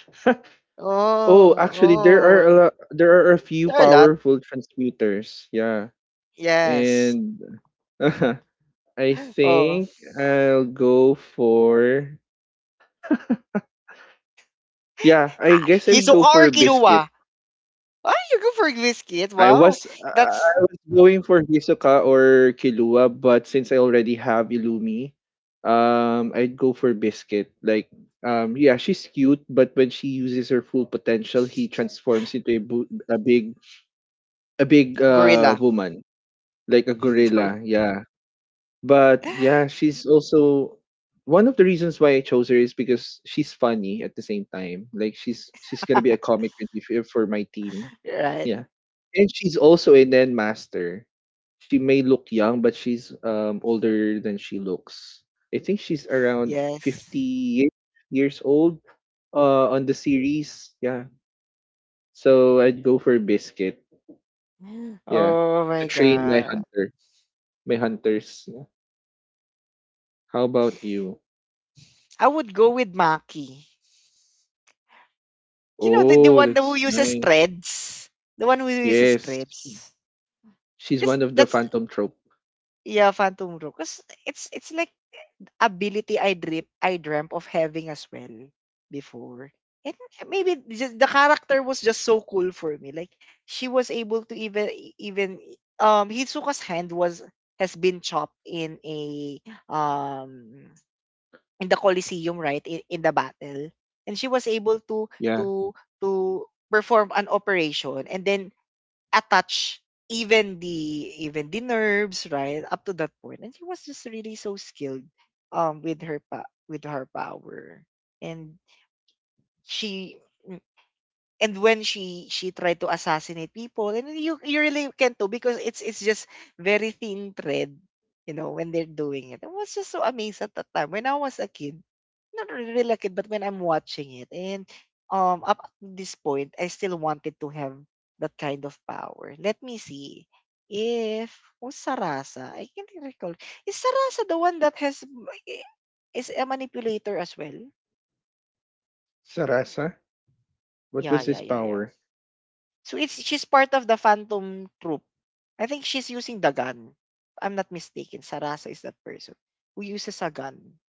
Speaker 1: Oh,
Speaker 2: Oh, actually,
Speaker 1: oh.
Speaker 2: there are a few
Speaker 1: There are a lot.
Speaker 2: powerful transmuters. Yeah,
Speaker 1: Yes.
Speaker 2: and I
Speaker 1: Oh.
Speaker 2: think I'll go for yeah. I
Speaker 1: Ah,
Speaker 2: guess I'll
Speaker 1: Hisoka
Speaker 2: go
Speaker 1: or
Speaker 2: for Biscuit.
Speaker 1: Killua? Ah, you go for Whiskey. Wow. That's
Speaker 2: I was going for Hisoka or Killua, but since I already have Illumi, I'd go for Biscuit. Like, yeah, she's cute, but when she uses her full potential, he transforms into a, a big
Speaker 1: gorilla.
Speaker 2: woman, like a
Speaker 1: Gor-
Speaker 2: gorilla. Yeah, but yeah, she's also one of the reasons why I chose her is because she's funny at the same time. Like she's gonna be a comic relief for my team.
Speaker 1: right.
Speaker 2: Yeah. And she's also a Nen master. She may look young, but she's older than she looks. I think she's around
Speaker 1: Yes.
Speaker 2: 50 years old on the series. Yeah. So I'd go for Biscuit. Yeah.
Speaker 1: Oh
Speaker 2: To
Speaker 1: my
Speaker 2: train my
Speaker 1: god.
Speaker 2: hunter. My hunters. Yeah. How about you?
Speaker 1: I would go with Maki. You know, the
Speaker 2: Oh,
Speaker 1: one who
Speaker 2: that's
Speaker 1: uses
Speaker 2: nice.
Speaker 1: threads. The one who uses
Speaker 2: Yes.
Speaker 1: threads.
Speaker 2: She's
Speaker 1: Because
Speaker 2: one of the
Speaker 1: that's,
Speaker 2: Phantom Trope.
Speaker 1: yeah, Phantom Rope. Because it's like ability I dreamt of having as well before. And maybe just the character was just so cool for me. Like, she was able to even, Hisoka's hand has been chopped in um, in the Colosseum, right, in the battle. And she was able
Speaker 2: Yeah.
Speaker 1: to to perform an operation and then attach even the nerves, right, up to that point. And she was just really so skilled with her power. And she and when she tried to assassinate people, and you really can't do, because it's just very thin thread, you know, when they're doing it. I was just so amazed at that time when I was a kid, not really, really a kid, but when I'm watching it. And up at this point, I still wanted to have that kind of power. Let me see if who's Sarasa, I can't recall. Is Sarasa the one that has, is a manipulator as well?
Speaker 2: Sarasa? What
Speaker 1: Yeah,
Speaker 2: was
Speaker 1: yeah,
Speaker 2: his
Speaker 1: yeah, yeah.
Speaker 2: power?
Speaker 1: So it's she's part of the Phantom Troop. I think she's using the gun, if I'm not mistaken. Sarasa is that person who uses a gun.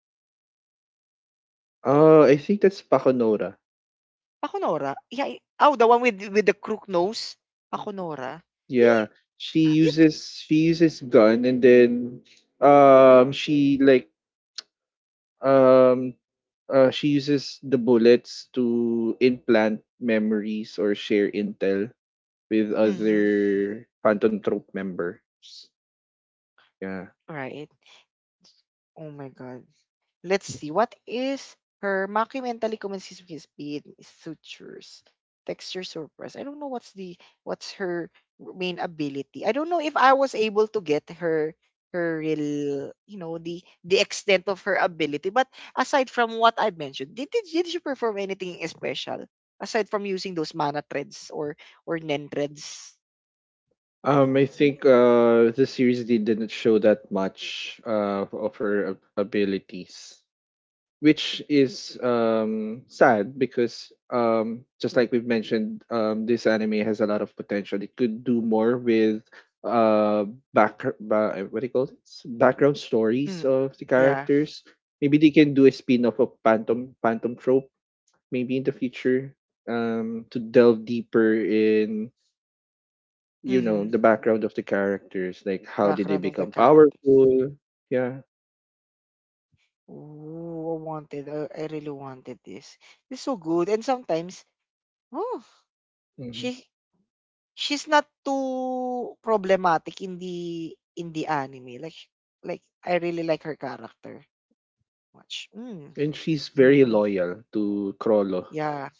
Speaker 2: Oh, I think that's Paconora.
Speaker 1: Pakunora? Yeah. Oh, the one with the crook nose. Pakunora. You,
Speaker 2: Yeah.
Speaker 1: you,
Speaker 2: She uses gun and then um she like um she uses the bullets to implant memories or share intel with
Speaker 1: mm
Speaker 2: other Phantom Trope members. Yeah.
Speaker 1: Right. Oh my God. Let's see. What is her macumentally commences with pain sutures? Texture surprise. I don't know what's her main ability. I don't know if I was able to get her real, you know, the extent of her ability. But aside from what I mentioned, did she perform anything special? Aside from using those mana threads or nen threads? No,
Speaker 2: I think
Speaker 1: right?
Speaker 2: the series didn't show that much of her abilities, which is sad because just like we've mentioned, this anime has a lot of potential. It could do more with what do you call this? Background stories
Speaker 1: Mm,
Speaker 2: of the
Speaker 1: yeah.
Speaker 2: characters. Maybe they can do a spin-off of Phantom Trope maybe in the future to delve deeper in, you
Speaker 1: Mm-hmm.
Speaker 2: know, the background of the characters, like how did they
Speaker 1: Background of the
Speaker 2: become
Speaker 1: character.
Speaker 2: powerful? Yeah.
Speaker 1: Ooh, I really wanted this. It's so good. And sometimes, oh,
Speaker 2: Mhm.
Speaker 1: she she's not too problematic in the anime. Like I really like her character much. Mm,
Speaker 2: And she's very
Speaker 1: mm,
Speaker 2: loyal to Krollo,
Speaker 1: yeah,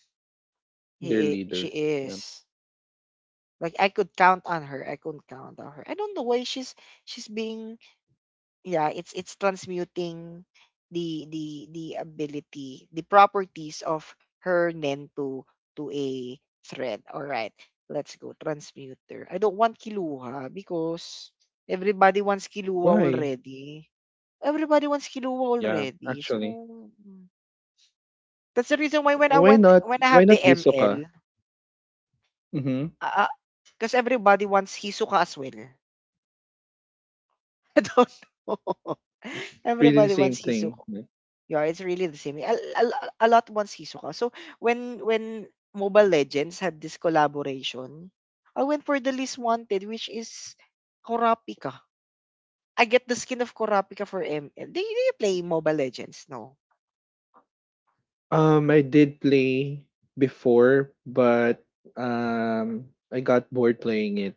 Speaker 2: their
Speaker 1: she
Speaker 2: leader. Yeah.
Speaker 1: is. Like I could count on her. I could count on her. I don't know why she's being, yeah, it's transmuting the the the ability, the properties of her nen to a thread. All right, let's go transmuter. I don't want Kiluha because everybody wants Kiluha
Speaker 2: Why?
Speaker 1: already. Everybody wants Kiluha
Speaker 2: Yeah,
Speaker 1: already, so
Speaker 2: actually.
Speaker 1: mm, that's the reason why
Speaker 2: Why not?
Speaker 1: when I
Speaker 2: Why
Speaker 1: have the
Speaker 2: not Hisoka?
Speaker 1: ML,
Speaker 2: Mm-hmm.
Speaker 1: because everybody wants Hisuka as well. I don't know.
Speaker 2: Pretty the
Speaker 1: Everybody
Speaker 2: same
Speaker 1: wants
Speaker 2: thing.
Speaker 1: Hisuka. Yeah, it's really the same. A lot wants Hisoka. So when Mobile Legends had this collaboration, I went for the least wanted, which is Kurapika. I get the skin of Kurapika for ML. Do you play Mobile Legends? No.
Speaker 2: I did play before, but I got bored playing it.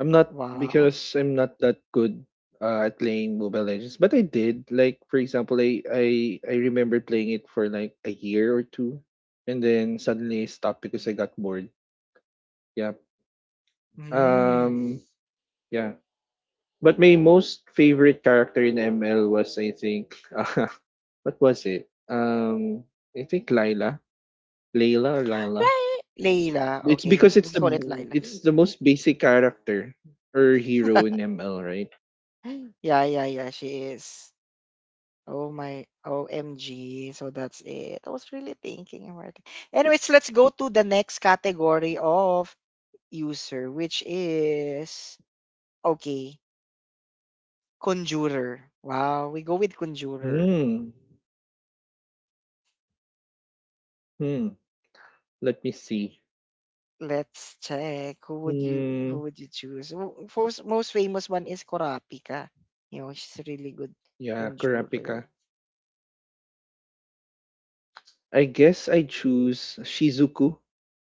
Speaker 2: I'm not
Speaker 1: Wow.
Speaker 2: because I'm not that good at playing Mobile Legends, but I did. Like for example, I remember playing it for like a year or two, and then suddenly I stopped because I got bored. Yeah.
Speaker 1: Mm.
Speaker 2: Um. Yeah. But my most favorite character in ML was I think what was it? I think Lila, Layla or Lila.
Speaker 1: Layla.
Speaker 2: It's because
Speaker 1: Okay. We call it Layla.
Speaker 2: it's the most basic character or hero in ML, right?
Speaker 1: Yeah, yeah, yeah. She is. Oh my OMG. So that's it. I was really thinking about it. Anyways, let's go to the next category of user, which is, okay, Conjurer. Wow, we go with Conjurer.
Speaker 2: Hmm. Hmm. Let me see.
Speaker 1: Let's check. who would you
Speaker 2: Hmm.
Speaker 1: who would you choose? Most famous one is Kurapika. You know, she's a really good
Speaker 2: Yeah,
Speaker 1: conjurer.
Speaker 2: Kurapika. I guess I choose Shizuku.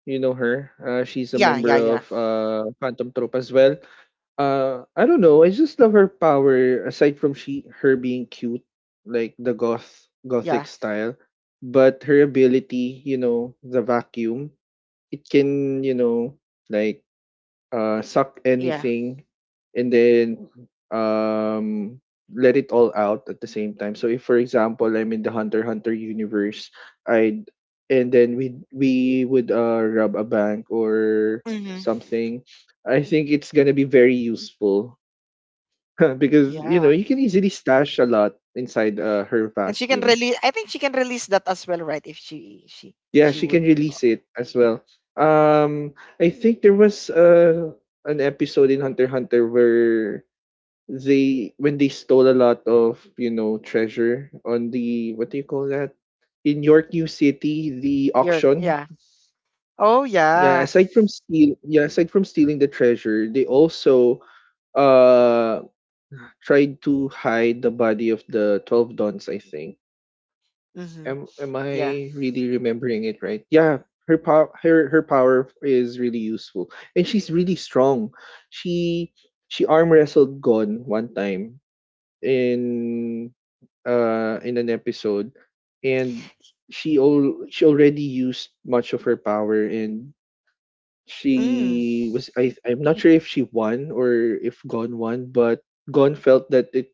Speaker 2: You know her. She's a
Speaker 1: Yeah,
Speaker 2: member
Speaker 1: yeah, yeah,
Speaker 2: of Phantom Troop as well. I don't know. I just love her power. Aside from she her being cute, like the gothic
Speaker 1: yeah,
Speaker 2: style, but her ability, you know, the vacuum. It can, you know, like suck
Speaker 1: yeah.
Speaker 2: anything and then um, let it all out at the same time. So if for example I'm in the Hunter Hunter universe, I'd and then we would rob a bank or
Speaker 1: Hmm.
Speaker 2: something. I think it's gonna be very useful because you know
Speaker 1: Yeah,
Speaker 2: you can easily stash a lot inside her
Speaker 1: and she can
Speaker 2: vacuum.
Speaker 1: release. I think she can release that as well, right? If she she
Speaker 2: Yeah,
Speaker 1: she
Speaker 2: she can
Speaker 1: would.
Speaker 2: release it as well. Um, I think there was an episode in Hunter x Hunter where they when they stole a lot of you know treasure on the what do you call that in York New City the
Speaker 1: You're,
Speaker 2: auction
Speaker 1: yeah. Oh
Speaker 2: yeah
Speaker 1: yeah.
Speaker 2: aside from steal yeah aside from stealing the treasure they also uh tried to hide the body of the 12 dons I think
Speaker 1: Mm-hmm.
Speaker 2: am
Speaker 1: Yeah.
Speaker 2: I really remembering it right yeah her power is really useful and she's really strong she she arm wrestled Gon one time in in an episode, and she already used much of her power, and
Speaker 1: Mm.
Speaker 2: she was I'm not sure if she won or if Gon won, but Gon felt that it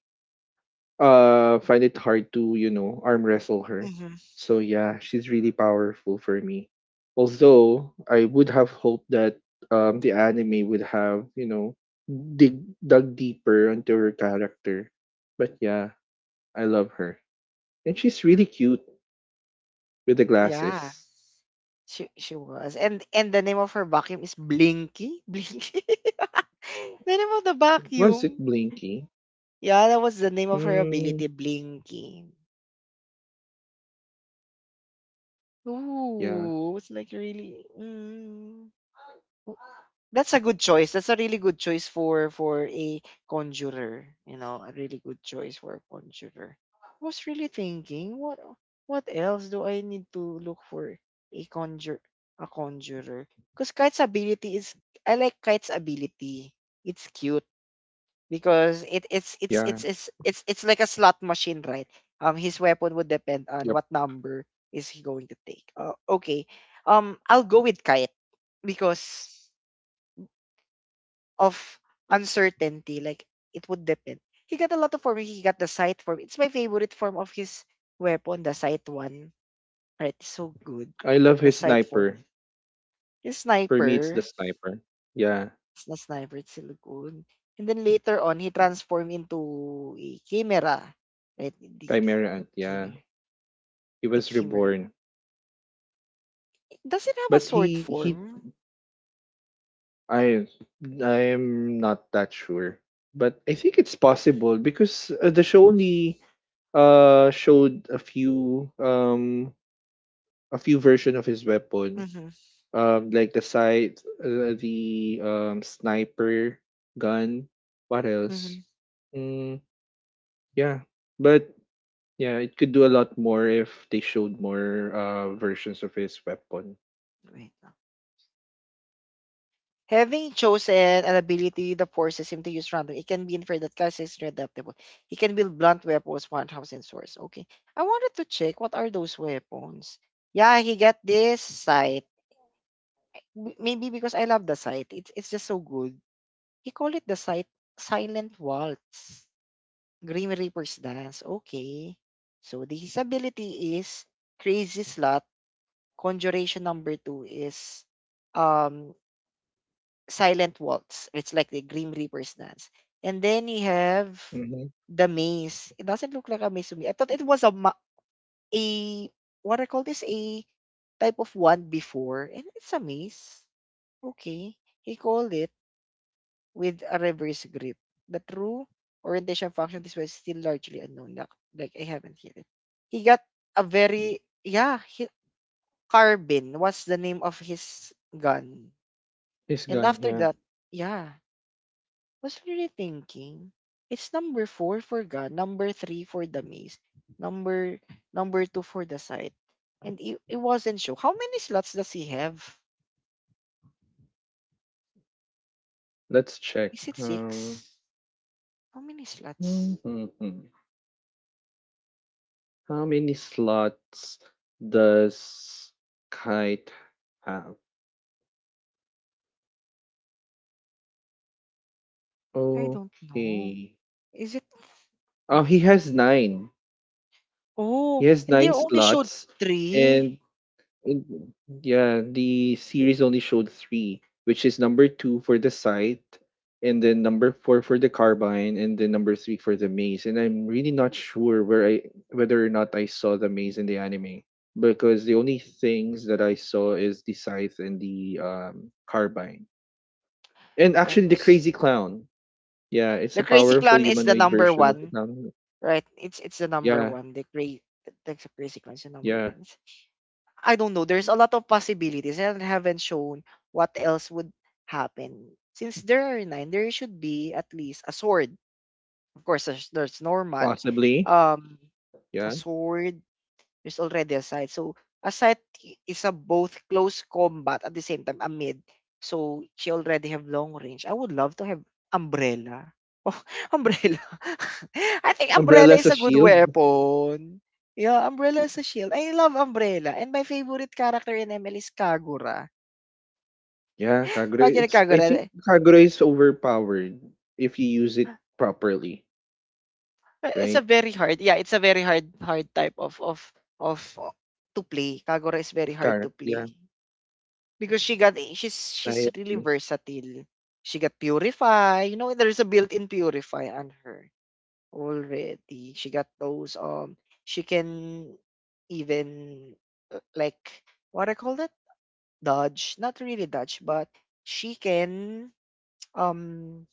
Speaker 2: find it hard to you know arm wrestle her.
Speaker 1: Mm-hmm.
Speaker 2: So yeah, she's really powerful for me. Although I would have hoped that the anime would have you know dig dug deeper into her character, but yeah, I love her and she's really cute, with the
Speaker 1: Yeah.
Speaker 2: glasses.
Speaker 1: She was, and the name of her vacuum is Blinky? Blinky? The name of the
Speaker 2: Was it
Speaker 1: vacuum.
Speaker 2: Blinky?
Speaker 1: Yeah, that was the name of her
Speaker 2: Mm,
Speaker 1: ability, Blinky.
Speaker 2: yeah,
Speaker 1: Ooh, it's like really. Mm. That's a good choice. That's a really good choice for a conjurer. You know, a really good choice for a conjurer. I was really thinking, what else do I need to look for a conjur a conjurer? Because kite's ability is I like Kite's ability. It's cute because it
Speaker 2: yeah,
Speaker 1: it's like a slot machine, right? His weapon would depend on
Speaker 2: yep.
Speaker 1: what number is he going to take. Okay, I'll go with Kite because of uncertainty. Like it would depend. He got a lot of form. He got the sight form. It's my favorite form of his weapon, the sight one. Right, it's so good.
Speaker 2: I love
Speaker 1: The
Speaker 2: his
Speaker 1: sight form.
Speaker 2: sniper.
Speaker 1: His
Speaker 2: For me, it's the
Speaker 1: sniper.
Speaker 2: sniper. Yeah,
Speaker 1: It's not sniper, it's still good. And then later on, he transformed into a chimera. Right?
Speaker 2: Chimera Ant. Yeah,
Speaker 1: Chimera.
Speaker 2: he
Speaker 1: A
Speaker 2: was
Speaker 1: chimera.
Speaker 2: reborn,
Speaker 1: Does it have a
Speaker 2: but
Speaker 1: sword
Speaker 2: he.
Speaker 1: form?
Speaker 2: I I am not that sure, but I think it's possible because the show only showed a few version of his weapon.
Speaker 1: Mm-hmm.
Speaker 2: Like the sight, the sniper gun. What else?
Speaker 1: Mm-hmm.
Speaker 2: Mm, yeah, but yeah, it could do a lot more if they showed more versions of his weapon.
Speaker 1: Wait. Having chosen an ability that forces him to use random, it can be inferred that Kai'Sa is adaptable. He can build blunt weapons, one-house, and swords. Okay. I wanted to check what are those weapons. Yeah, he got this sight. Maybe because I love the sight. It's just so good. He called it the sight silent waltz. Grim Reaper's dance. Okay. So the his ability is crazy slot. Conjuration number two is um Silent Waltz. It's like the Grim Reaper's dance. And then you have
Speaker 2: Mm-hmm.
Speaker 1: the maze. It doesn't look like a maze to me. I thought it was a what I call this a type of wand before, and it's a maze. Okay, he called it with a reverse grip. The true orientation function this was still largely unknown. Like I haven't hit it. He got a very, yeah. Carbine was the name of his gun,
Speaker 2: His
Speaker 1: and
Speaker 2: gun,
Speaker 1: after
Speaker 2: yeah.
Speaker 1: that, yeah. Was really thinking, it's number four for God, number three for the maze, number number two for the site. And it wasn't sure. How many slots does he have?
Speaker 2: Let's check.
Speaker 1: Is it six? How many slots?
Speaker 2: Mhm. How many slots does Kite have?
Speaker 1: I don't know.
Speaker 2: Okay.
Speaker 1: Is it Mm.
Speaker 2: Oh, he has nine. He
Speaker 1: Oh,
Speaker 2: has
Speaker 1: and they
Speaker 2: nine
Speaker 1: only showed
Speaker 2: slots,
Speaker 1: three.
Speaker 2: and And yeah, the series only showed three, which is number two for the site, and then number four for the carbine, and then number three for the maze. And I'm really not sure where I whether or not I saw the maze in the anime because the only things that I saw is the scythe and the carbine, and
Speaker 1: That
Speaker 2: actually the
Speaker 1: was,
Speaker 2: crazy clown. Yeah, it's
Speaker 1: the
Speaker 2: a
Speaker 1: crazy
Speaker 2: powerful
Speaker 1: clown is the
Speaker 2: humanoid
Speaker 1: number
Speaker 2: version of the
Speaker 1: one,
Speaker 2: clown.
Speaker 1: right? It's the number
Speaker 2: Yeah,
Speaker 1: one. The crazy clown is the number
Speaker 2: yeah,
Speaker 1: nine. I don't know. There's a lot of possibilities and haven't shown what else would happen. Since there are nine, there should be at least a sword. Of course, that's normal.
Speaker 2: possibly.
Speaker 1: Um, a
Speaker 2: Yeah,
Speaker 1: sword, there's already a site. So a site is a both close combat at the same time a mid. So she already have long range. I would love to have umbrella. Oh, umbrella. I think
Speaker 2: umbrella
Speaker 1: umbrella
Speaker 2: as
Speaker 1: is
Speaker 2: a
Speaker 1: a good
Speaker 2: shield.
Speaker 1: weapon. Yeah, umbrella is a shield. I love umbrella. And my favorite character in ML is Kagura.
Speaker 2: Yeah, Kagura.
Speaker 1: Imagine
Speaker 2: It's I
Speaker 1: Kagura.
Speaker 2: think Kagura is overpowered if you use it properly,
Speaker 1: It's a
Speaker 2: right?
Speaker 1: very hard. Yeah, it's a very hard, hard type of to play. Kagura is very
Speaker 2: Of
Speaker 1: hard
Speaker 2: car.
Speaker 1: to
Speaker 2: Yeah,
Speaker 1: play, because she got she's
Speaker 2: I
Speaker 1: she's really
Speaker 2: agree.
Speaker 1: versatile. She got purify. You know, there's a built-in purify on her already. She got those she can even like what I call that dodge, not really dodge, but she can um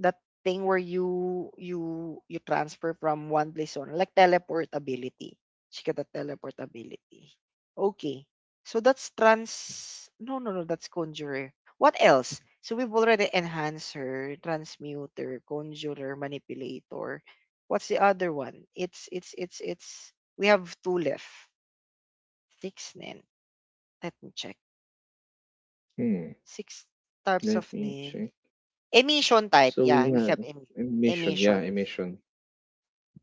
Speaker 1: that thing where you transfer from one place to another, like teleportability. She got a teleportability. Okay. So that's trans no, no, no, that's conjurer. What else? So we've already enhancer, transmuter, conjurer, manipulator. What's the other one? It's we have two left. Six nin. Let me check.
Speaker 2: Hmm.
Speaker 1: Six types of
Speaker 2: Let me
Speaker 1: nin.
Speaker 2: check.
Speaker 1: Emission type.
Speaker 2: So we
Speaker 1: Yeah, we
Speaker 2: have
Speaker 1: have
Speaker 2: emission. Yeah,
Speaker 1: emission.
Speaker 2: emission.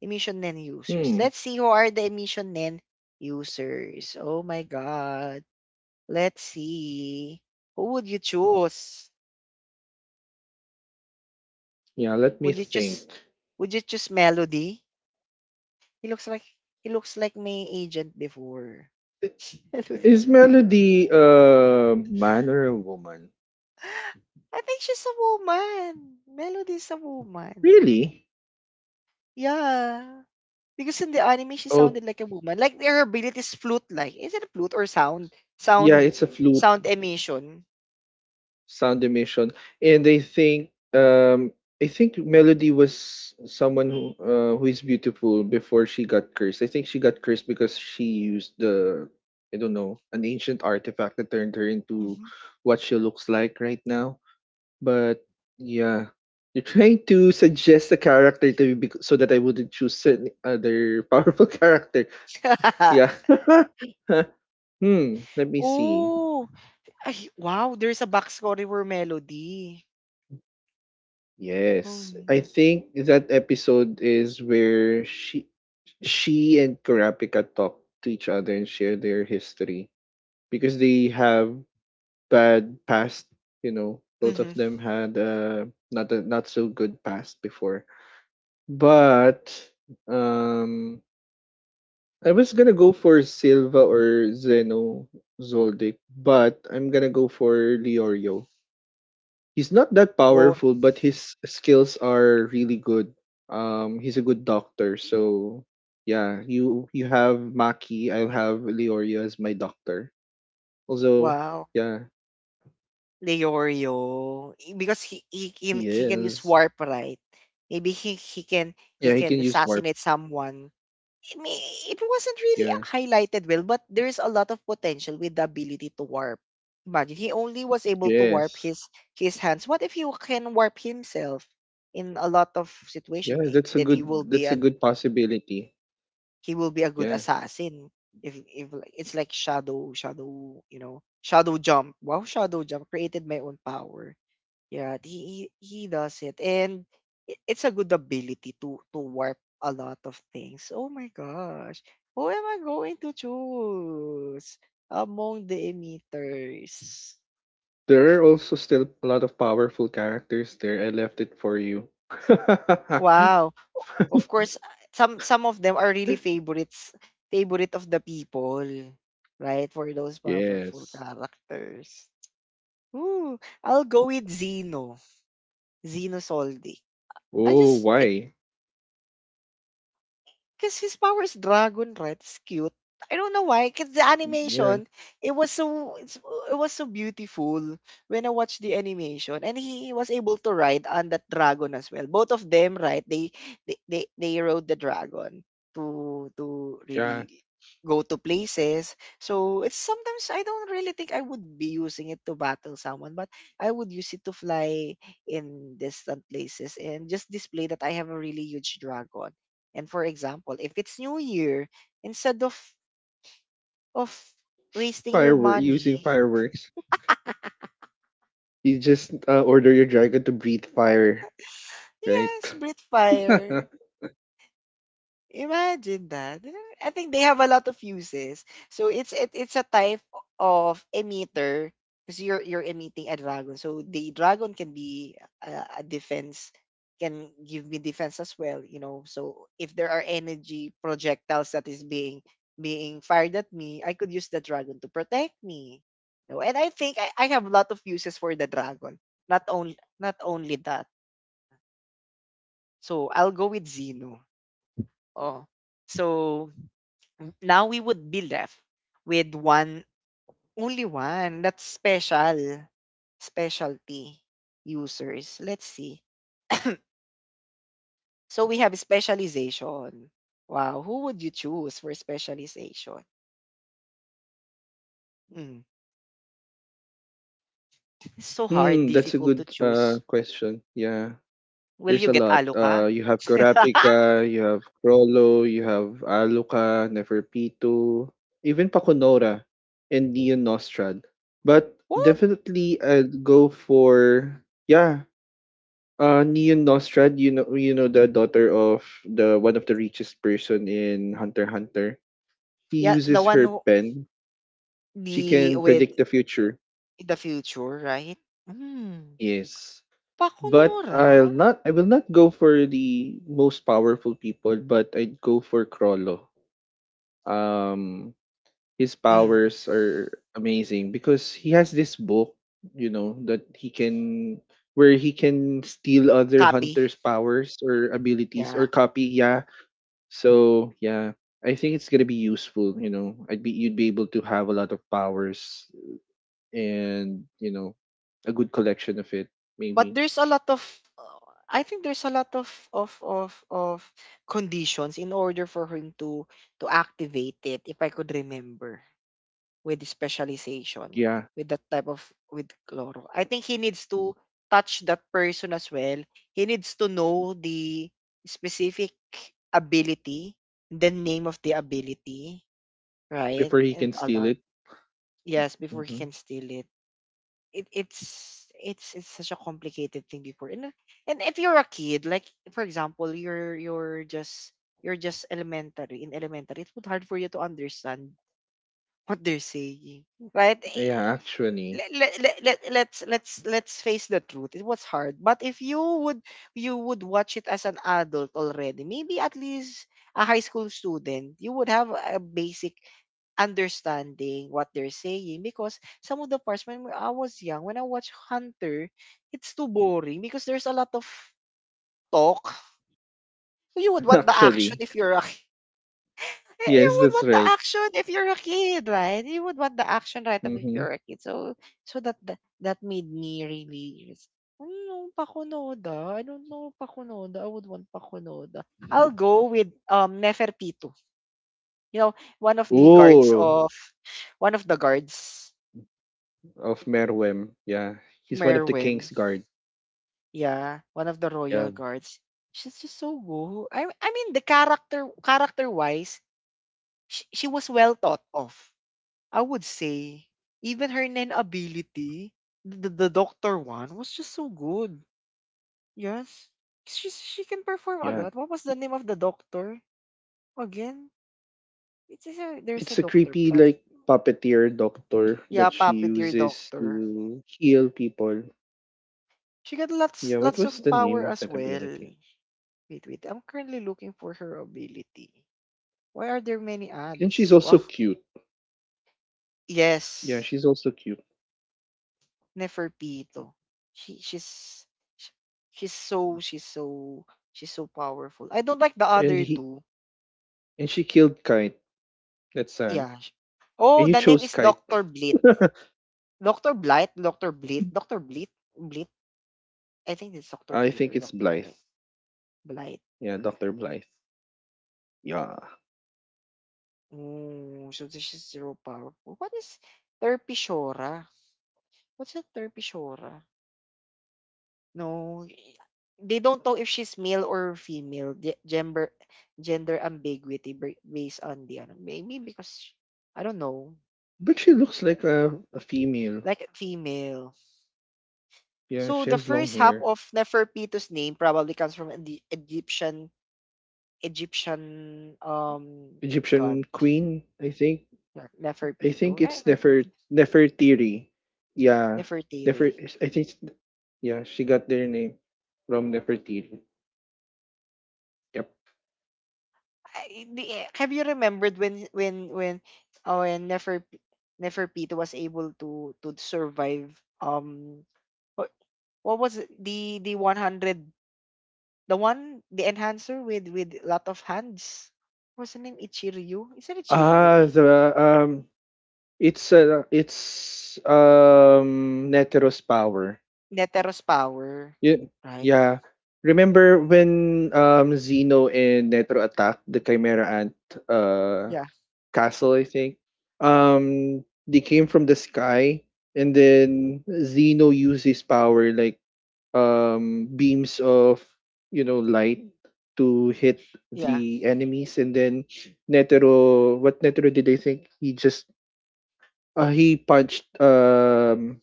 Speaker 1: Emission NEN users.
Speaker 2: Hmm.
Speaker 1: Let's see who are the Emission NEN users. Oh my God. Let's see. Who would you choose?
Speaker 2: Yeah. Let me
Speaker 1: Would you choose
Speaker 2: think.
Speaker 1: Melody? He looks like my agent before.
Speaker 2: I-
Speaker 1: Melody.
Speaker 2: Is Melody a man or a woman?
Speaker 1: I think she's a woman. Melody's a woman.
Speaker 2: Really?
Speaker 1: Yeah. Because in the anime she
Speaker 2: Oh,
Speaker 1: sounded like a woman. Like her ability is flute like. Is it a flute or sound?
Speaker 2: yeah.
Speaker 1: Sound
Speaker 2: It's a flute.
Speaker 1: sound emission.
Speaker 2: Sound emission. And I think um I think Melody was someone who is beautiful before she got cursed. I think she got cursed because she used the, I don't know, an ancient artifact that turned her into what she looks like right now. But yeah, you're trying to suggest a character to me so that I wouldn't choose any other powerful character.
Speaker 1: Mhm.
Speaker 2: Yeah. Hmm, let me see.
Speaker 1: Oh, ay wow, there's a backscorer melody.
Speaker 2: Yes. I
Speaker 1: Oh.
Speaker 2: think that episode is where she and Kurapika talk to each other and share their history because they have bad past, you know. Both of
Speaker 1: Mhm.
Speaker 2: them had not a not so good past before. But um I was gonna go for Silva or Zeno Zoldyck, but I'm gonna go for Leorio. He's not that
Speaker 1: Oh,
Speaker 2: powerful, but his skills are really good. He's a good doctor. So yeah, you have Maki. I'll have Leorio as my doctor. Also,
Speaker 1: wow.
Speaker 2: yeah,
Speaker 1: Leorio. Because he can use
Speaker 2: yes,
Speaker 1: warp, right. Maybe he
Speaker 2: yeah, he can
Speaker 1: can
Speaker 2: use warp.
Speaker 1: assassinate someone. I mean, it wasn't really
Speaker 2: Yeah,
Speaker 1: highlighted well, but there is a lot of potential with the ability to warp. Imagine he only was able to warp
Speaker 2: yes,
Speaker 1: his hands. What if he can warp himself in a lot of situation?
Speaker 2: yeah.
Speaker 1: Eh,
Speaker 2: That's a
Speaker 1: then
Speaker 2: good. That's a good possibility.
Speaker 1: he will be a good
Speaker 2: Yeah,
Speaker 1: assassin. If like- It's like shadow, shadow, shadow jump. Wow, shadow jump created my own power. Yeah, he does it, and it's a good ability to warp a lot of things. Oh my gosh, who am I going to choose among the emitters?
Speaker 2: there are also still a lot of powerful characters there. I left it for you.
Speaker 1: Wow, of course, some of them are really favorites, favorite of the people, right? For those powerful
Speaker 2: Yes.
Speaker 1: characters. Ooh, I'll go with Zeno, Zeno Soldi. I
Speaker 2: Oh,
Speaker 1: just.
Speaker 2: why?
Speaker 1: Because his power is dragon, right? It's cute. I don't know why. Because the
Speaker 2: Yeah,
Speaker 1: animation, it was so it's, it was so beautiful when I watched the animation, and he was able to ride on that dragon as well. Both of them, right? They rode the dragon to
Speaker 2: yeah.
Speaker 1: really go to places. So it's sometimes I don't really think I would be using it to battle someone, but I would use it to fly in distant places and just display that I have a really huge dragon, and for example, if it's New Year, instead of wasting your
Speaker 2: Firework using
Speaker 1: money,
Speaker 2: fireworks. You just order your dragon to breathe fire, right?
Speaker 1: yes, breathe fire. Imagine that. I think they have a lot of uses. So it's a type of emitter because you're emitting a dragon. So the dragon can be a defense, can give me defense as well, you know. So if there are energy projectiles that is being fired at me, I could use the dragon to protect me. You know? And I think I have a lot of uses for the dragon. Not only that. So I'll go with Xeno. Oh. So now we would be left with one only one that's specialty users, let's see. So we have specialization. Wow, who would you choose for specialization? Mm. It's so hard
Speaker 2: Hmm, that's a
Speaker 1: difficult to
Speaker 2: good
Speaker 1: choose.
Speaker 2: question. Yeah.
Speaker 1: Will
Speaker 2: There's
Speaker 1: you
Speaker 2: a
Speaker 1: get
Speaker 2: lot.
Speaker 1: Aloka?
Speaker 2: Uh, you have Kurapika, you have Krollo, you have Aluka, Neferpitu, even Pakunora and Neon Nostrad. But
Speaker 1: What?
Speaker 2: definitely I'd go for yeah, Neon Nostrad, you know the daughter of the one of the richest person in Hunter x Hunter. She
Speaker 1: Yeah, the
Speaker 2: uses
Speaker 1: one
Speaker 2: her
Speaker 1: who,
Speaker 2: pen, she
Speaker 1: the
Speaker 2: can
Speaker 1: with
Speaker 2: predict the future.
Speaker 1: the future, right. Mm.
Speaker 2: Yes. But
Speaker 1: Pakunora.
Speaker 2: I will not go for the most powerful people, but I'd go for Crollo. Um, his
Speaker 1: Mm.
Speaker 2: powers are amazing because he has this book, you know, that he can where he can steal other
Speaker 1: Copy.
Speaker 2: hunters' powers or abilities or
Speaker 1: Yeah,
Speaker 2: copy, yeah. So yeah. I think it's gonna be useful, you know. I'd be you'd be able to have a lot of powers and you know a good collection of it
Speaker 1: but
Speaker 2: maybe
Speaker 1: there's a lot of uh, I think there's a lot of conditions in order for him to activate it, if I could remember, with the specialization,
Speaker 2: yeah
Speaker 1: with that type of, with Chloro. I think he needs to touch that person as well. He needs to know the specific ability, the name of the ability, right?
Speaker 2: before he can
Speaker 1: And a
Speaker 2: steal
Speaker 1: lot.
Speaker 2: it
Speaker 1: Yes, before he
Speaker 2: hmm
Speaker 1: can steal it. It's such a complicated thing before, and if you're a kid, like for example you're just elementary, in elementary it would hard for you to understand what they're saying, right?
Speaker 2: yeah actually
Speaker 1: Let's face the truth, it was hard, but if you would watch it as an adult already, maybe at least a high school student, you would have a basic understanding what they're saying, because some of the parts when I was young, when I watch Hunter, it's too boring because there's a lot of talk. You would want the action
Speaker 2: actually
Speaker 1: if you're a. Eh, you
Speaker 2: yes
Speaker 1: would
Speaker 2: that's
Speaker 1: want the
Speaker 2: right
Speaker 1: action if you're a kid, right? You would want the action, right. Up if
Speaker 2: hmm
Speaker 1: you're a kid. So, that that made me really just, no, Pakunoda. I don't know Pakunoda. I would want Pakunoda. I'll go with Neferpitu. You know, one of the guards
Speaker 2: oh
Speaker 1: of, one of the guards,
Speaker 2: of Merwem yeah he's one of the king's
Speaker 1: Merwin.
Speaker 2: guard
Speaker 1: Yeah, one of the
Speaker 2: yeah
Speaker 1: royal guards. She's just so good. I mean, the character wise, she was well thought of, I would say, even her ability, the doctor one was just so good. Yes. She can perform a
Speaker 2: yeah
Speaker 1: lot. What was the name of the doctor again? There's
Speaker 2: it's
Speaker 1: a
Speaker 2: a
Speaker 1: doctor
Speaker 2: creepy
Speaker 1: plot.
Speaker 2: like puppeteer doctor
Speaker 1: Yeah,
Speaker 2: that she
Speaker 1: puppeteer
Speaker 2: uses
Speaker 1: doctor.
Speaker 2: to heal people.
Speaker 1: She got lots
Speaker 2: Yeah, what
Speaker 1: lots
Speaker 2: was
Speaker 1: of
Speaker 2: the name
Speaker 1: power
Speaker 2: of
Speaker 1: as
Speaker 2: that
Speaker 1: well.
Speaker 2: ability?
Speaker 1: Wait, wait. I'm currently looking for her ability. Why are there many
Speaker 2: And she's
Speaker 1: ads?
Speaker 2: also
Speaker 1: Well,
Speaker 2: cute. Yeah,
Speaker 1: yes.
Speaker 2: she's also cute.
Speaker 1: Neferpito. She she's sh- she's so she's so She's so powerful. I don't like the
Speaker 2: and
Speaker 1: other
Speaker 2: he
Speaker 1: two.
Speaker 2: and she killed Kite. That's sad.
Speaker 1: Yeah. Oh,
Speaker 2: And you
Speaker 1: the name
Speaker 2: chose
Speaker 1: is
Speaker 2: Kite.
Speaker 1: Doctor Blit. Doctor Blight, Doctor Blit, Doctor Blit, Blit. I think it's Doctor
Speaker 2: I
Speaker 1: Blit
Speaker 2: think
Speaker 1: or
Speaker 2: it's
Speaker 1: Doctor
Speaker 2: Blythe.
Speaker 1: Blight. Blight.
Speaker 2: Yeah, Dr. Blythe. Yeah.
Speaker 1: Oh, so this is zero powerful. What is Terpishora? What's a Terpishora? No, they don't know if she's male or female. Gender ambiguity, based on the ano, maybe because I don't know,
Speaker 2: But she looks like a female.
Speaker 1: like female.
Speaker 2: Yeah,
Speaker 1: So
Speaker 2: she
Speaker 1: the
Speaker 2: has long
Speaker 1: first half
Speaker 2: hair.
Speaker 1: of Nefertitu's name probably comes from the Egyptian um god.
Speaker 2: Egyptian queen, I think.
Speaker 1: Yeah,
Speaker 2: I
Speaker 1: Neferpitu.
Speaker 2: think
Speaker 1: Yeah,
Speaker 2: it's Nefer
Speaker 1: Neferpitu.
Speaker 2: Nefertiri. Yeah.
Speaker 1: Nefertiti.
Speaker 2: Nefer I think it's- yeah, she got their name from Nefertiti. Yep.
Speaker 1: Have you remembered when oh, when Neferpito was able to survive, um, what, what was it? The 100, the one, the enhancer with lot of hands. What's the name, Ichiryu, isn't it Ichiryu,
Speaker 2: Ah,
Speaker 1: eh?
Speaker 2: the um, it's Netero's power.
Speaker 1: Netero's power,
Speaker 2: Ye
Speaker 1: right.
Speaker 2: yeah. Remember when, Xeno and Netro attacked the Chimera Ant, uh,
Speaker 1: Yeah.
Speaker 2: castle, I think? They came from the sky, and then Zeno used his power, like, beams of, you know, light to hit
Speaker 1: Yeah.
Speaker 2: the enemies, and then Netero, what Netero did, I think? He just, he punched,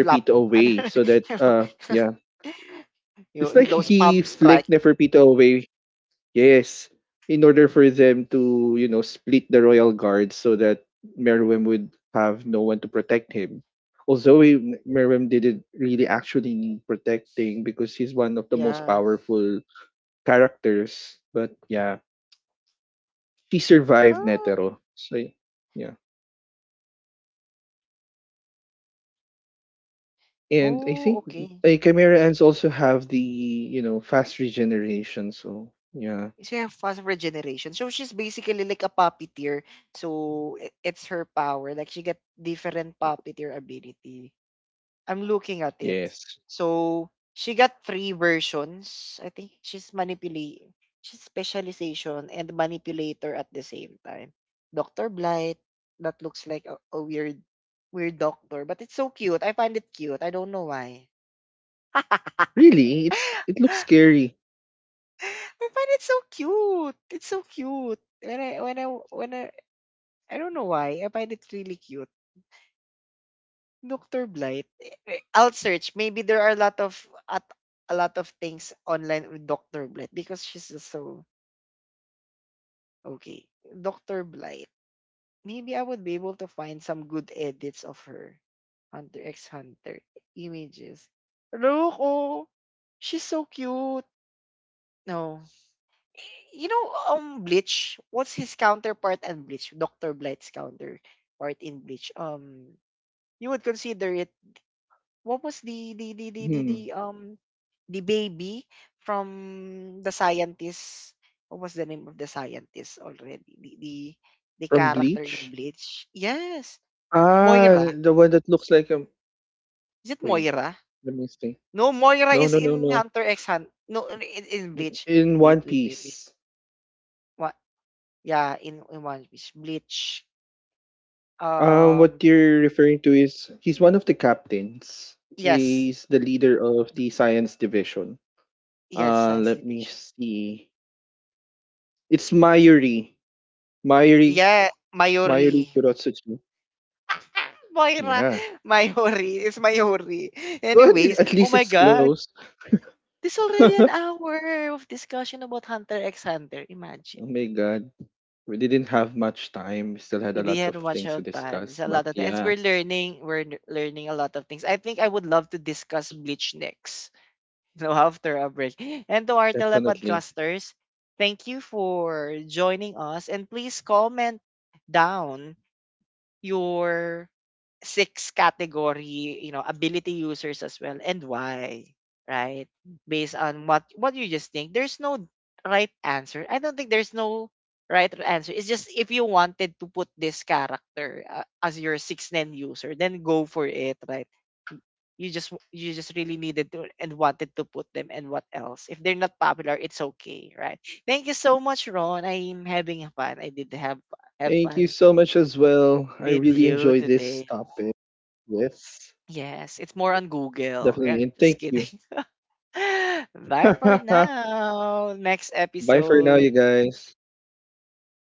Speaker 1: Flop.
Speaker 2: away so that, yeah. It's like
Speaker 1: Those
Speaker 2: he
Speaker 1: palm strike.
Speaker 2: flicked Neferpito away, yes, in order for them to, you know, split the royal guard so that Merwin would have no one to protect him. Although Merwin didn't really actually need protecting because he's one of the most
Speaker 1: Yeah.
Speaker 2: powerful characters. But yeah, she survived
Speaker 1: Oh,
Speaker 2: Netero. So yeah. And I
Speaker 1: oh,
Speaker 2: think
Speaker 1: okay.
Speaker 2: like Chimera Ants also have the, you know, fast regeneration. So yeah.
Speaker 1: She have fast regeneration. So she's basically like a puppeteer. So it's her power. Like she got different puppeteer ability. I'm looking at it.
Speaker 2: Yes.
Speaker 1: So she got three versions. I think she's specialization and manipulator at the same time. Dr. Blight, that looks like a weird doctor, but it's so cute. I find it cute. I don't know why.
Speaker 2: Really? It's it looks scary.
Speaker 1: I find it so cute. It's so cute. When I when I when I don't know why I find it really cute. Doctor Blight. I'll search. Maybe there are a lot of, at a lot of things online with Doctor Blight, because she's just so okay. Doctor Blight. Maybe I would be able to find some good edits of her. Hunter X Hunter images. Look, oh, she's so cute. No, you know, Bleach. What's his counterpart and Bleach? Doctor Blight's counterpart in Bleach. You would consider it. What was
Speaker 2: Hmm,
Speaker 1: the baby from the scientist? What was the name of the scientist already? The
Speaker 2: from
Speaker 1: character in
Speaker 2: Bleach?
Speaker 1: Bleach. Yes, Moira.
Speaker 2: Ah, the one that looks like a
Speaker 1: Is it
Speaker 2: wait,
Speaker 1: Moira?
Speaker 2: let me see.
Speaker 1: No, Moira
Speaker 2: No,
Speaker 1: is
Speaker 2: no, no,
Speaker 1: in
Speaker 2: no.
Speaker 1: Hunter X Hunt. No, in Bleach.
Speaker 2: In
Speaker 1: Wait,
Speaker 2: One
Speaker 1: wait, wait, wait.
Speaker 2: Piece.
Speaker 1: What? Yeah, in One Piece. Bleach. Um,
Speaker 2: What you're referring to is he's one of the captains.
Speaker 1: Yes.
Speaker 2: He's the leader of the science division.
Speaker 1: Yes, science
Speaker 2: Let me
Speaker 1: fiction.
Speaker 2: see. It's Mayuri. Mayuri.
Speaker 1: Yeah, Mayuri.
Speaker 2: Mayuri Kurotsuchi.
Speaker 1: Moira.
Speaker 2: Yeah.
Speaker 1: Mayuri. It's Mayuri.
Speaker 2: Well,
Speaker 1: Anyways,
Speaker 2: at
Speaker 1: oh
Speaker 2: least
Speaker 1: my
Speaker 2: it's
Speaker 1: God.
Speaker 2: close.
Speaker 1: There's already an
Speaker 2: Oh
Speaker 1: hour of discussion about Hunter x Hunter. Imagine.
Speaker 2: my god. We didn't have much time. We still had
Speaker 1: We
Speaker 2: a lot of
Speaker 1: didn't much
Speaker 2: things to
Speaker 1: of time. There's
Speaker 2: discuss,
Speaker 1: a
Speaker 2: but
Speaker 1: lot of things.
Speaker 2: yeah.
Speaker 1: We're learning. Learning a lot of things. I think I would love to discuss Bleach next. You know, after a break. And to our
Speaker 2: Definitely.
Speaker 1: telepodcasters, thank you for joining us. And please comment down your six category, you know, ability users as well, and why, right? Based on what you just think, there's no right answer. I don't think there's no right answer. It's just if you wanted to put this character as your 6nen user, then go for it, right? You just really needed to and wanted to put them, and what else? If they're not popular, it's okay, right? Thank you so much, Ron. I'm having fun. I did have
Speaker 2: Thank you
Speaker 1: fun
Speaker 2: so much as well. I
Speaker 1: with
Speaker 2: really
Speaker 1: you
Speaker 2: enjoyed this
Speaker 1: today.
Speaker 2: topic. Yes,
Speaker 1: Yes, it's more on Google. Yeah,
Speaker 2: definitely. And
Speaker 1: just
Speaker 2: thank you.
Speaker 1: kidding. Bye for
Speaker 2: Bye
Speaker 1: now. Next
Speaker 2: for now,
Speaker 1: episode.
Speaker 2: you guys.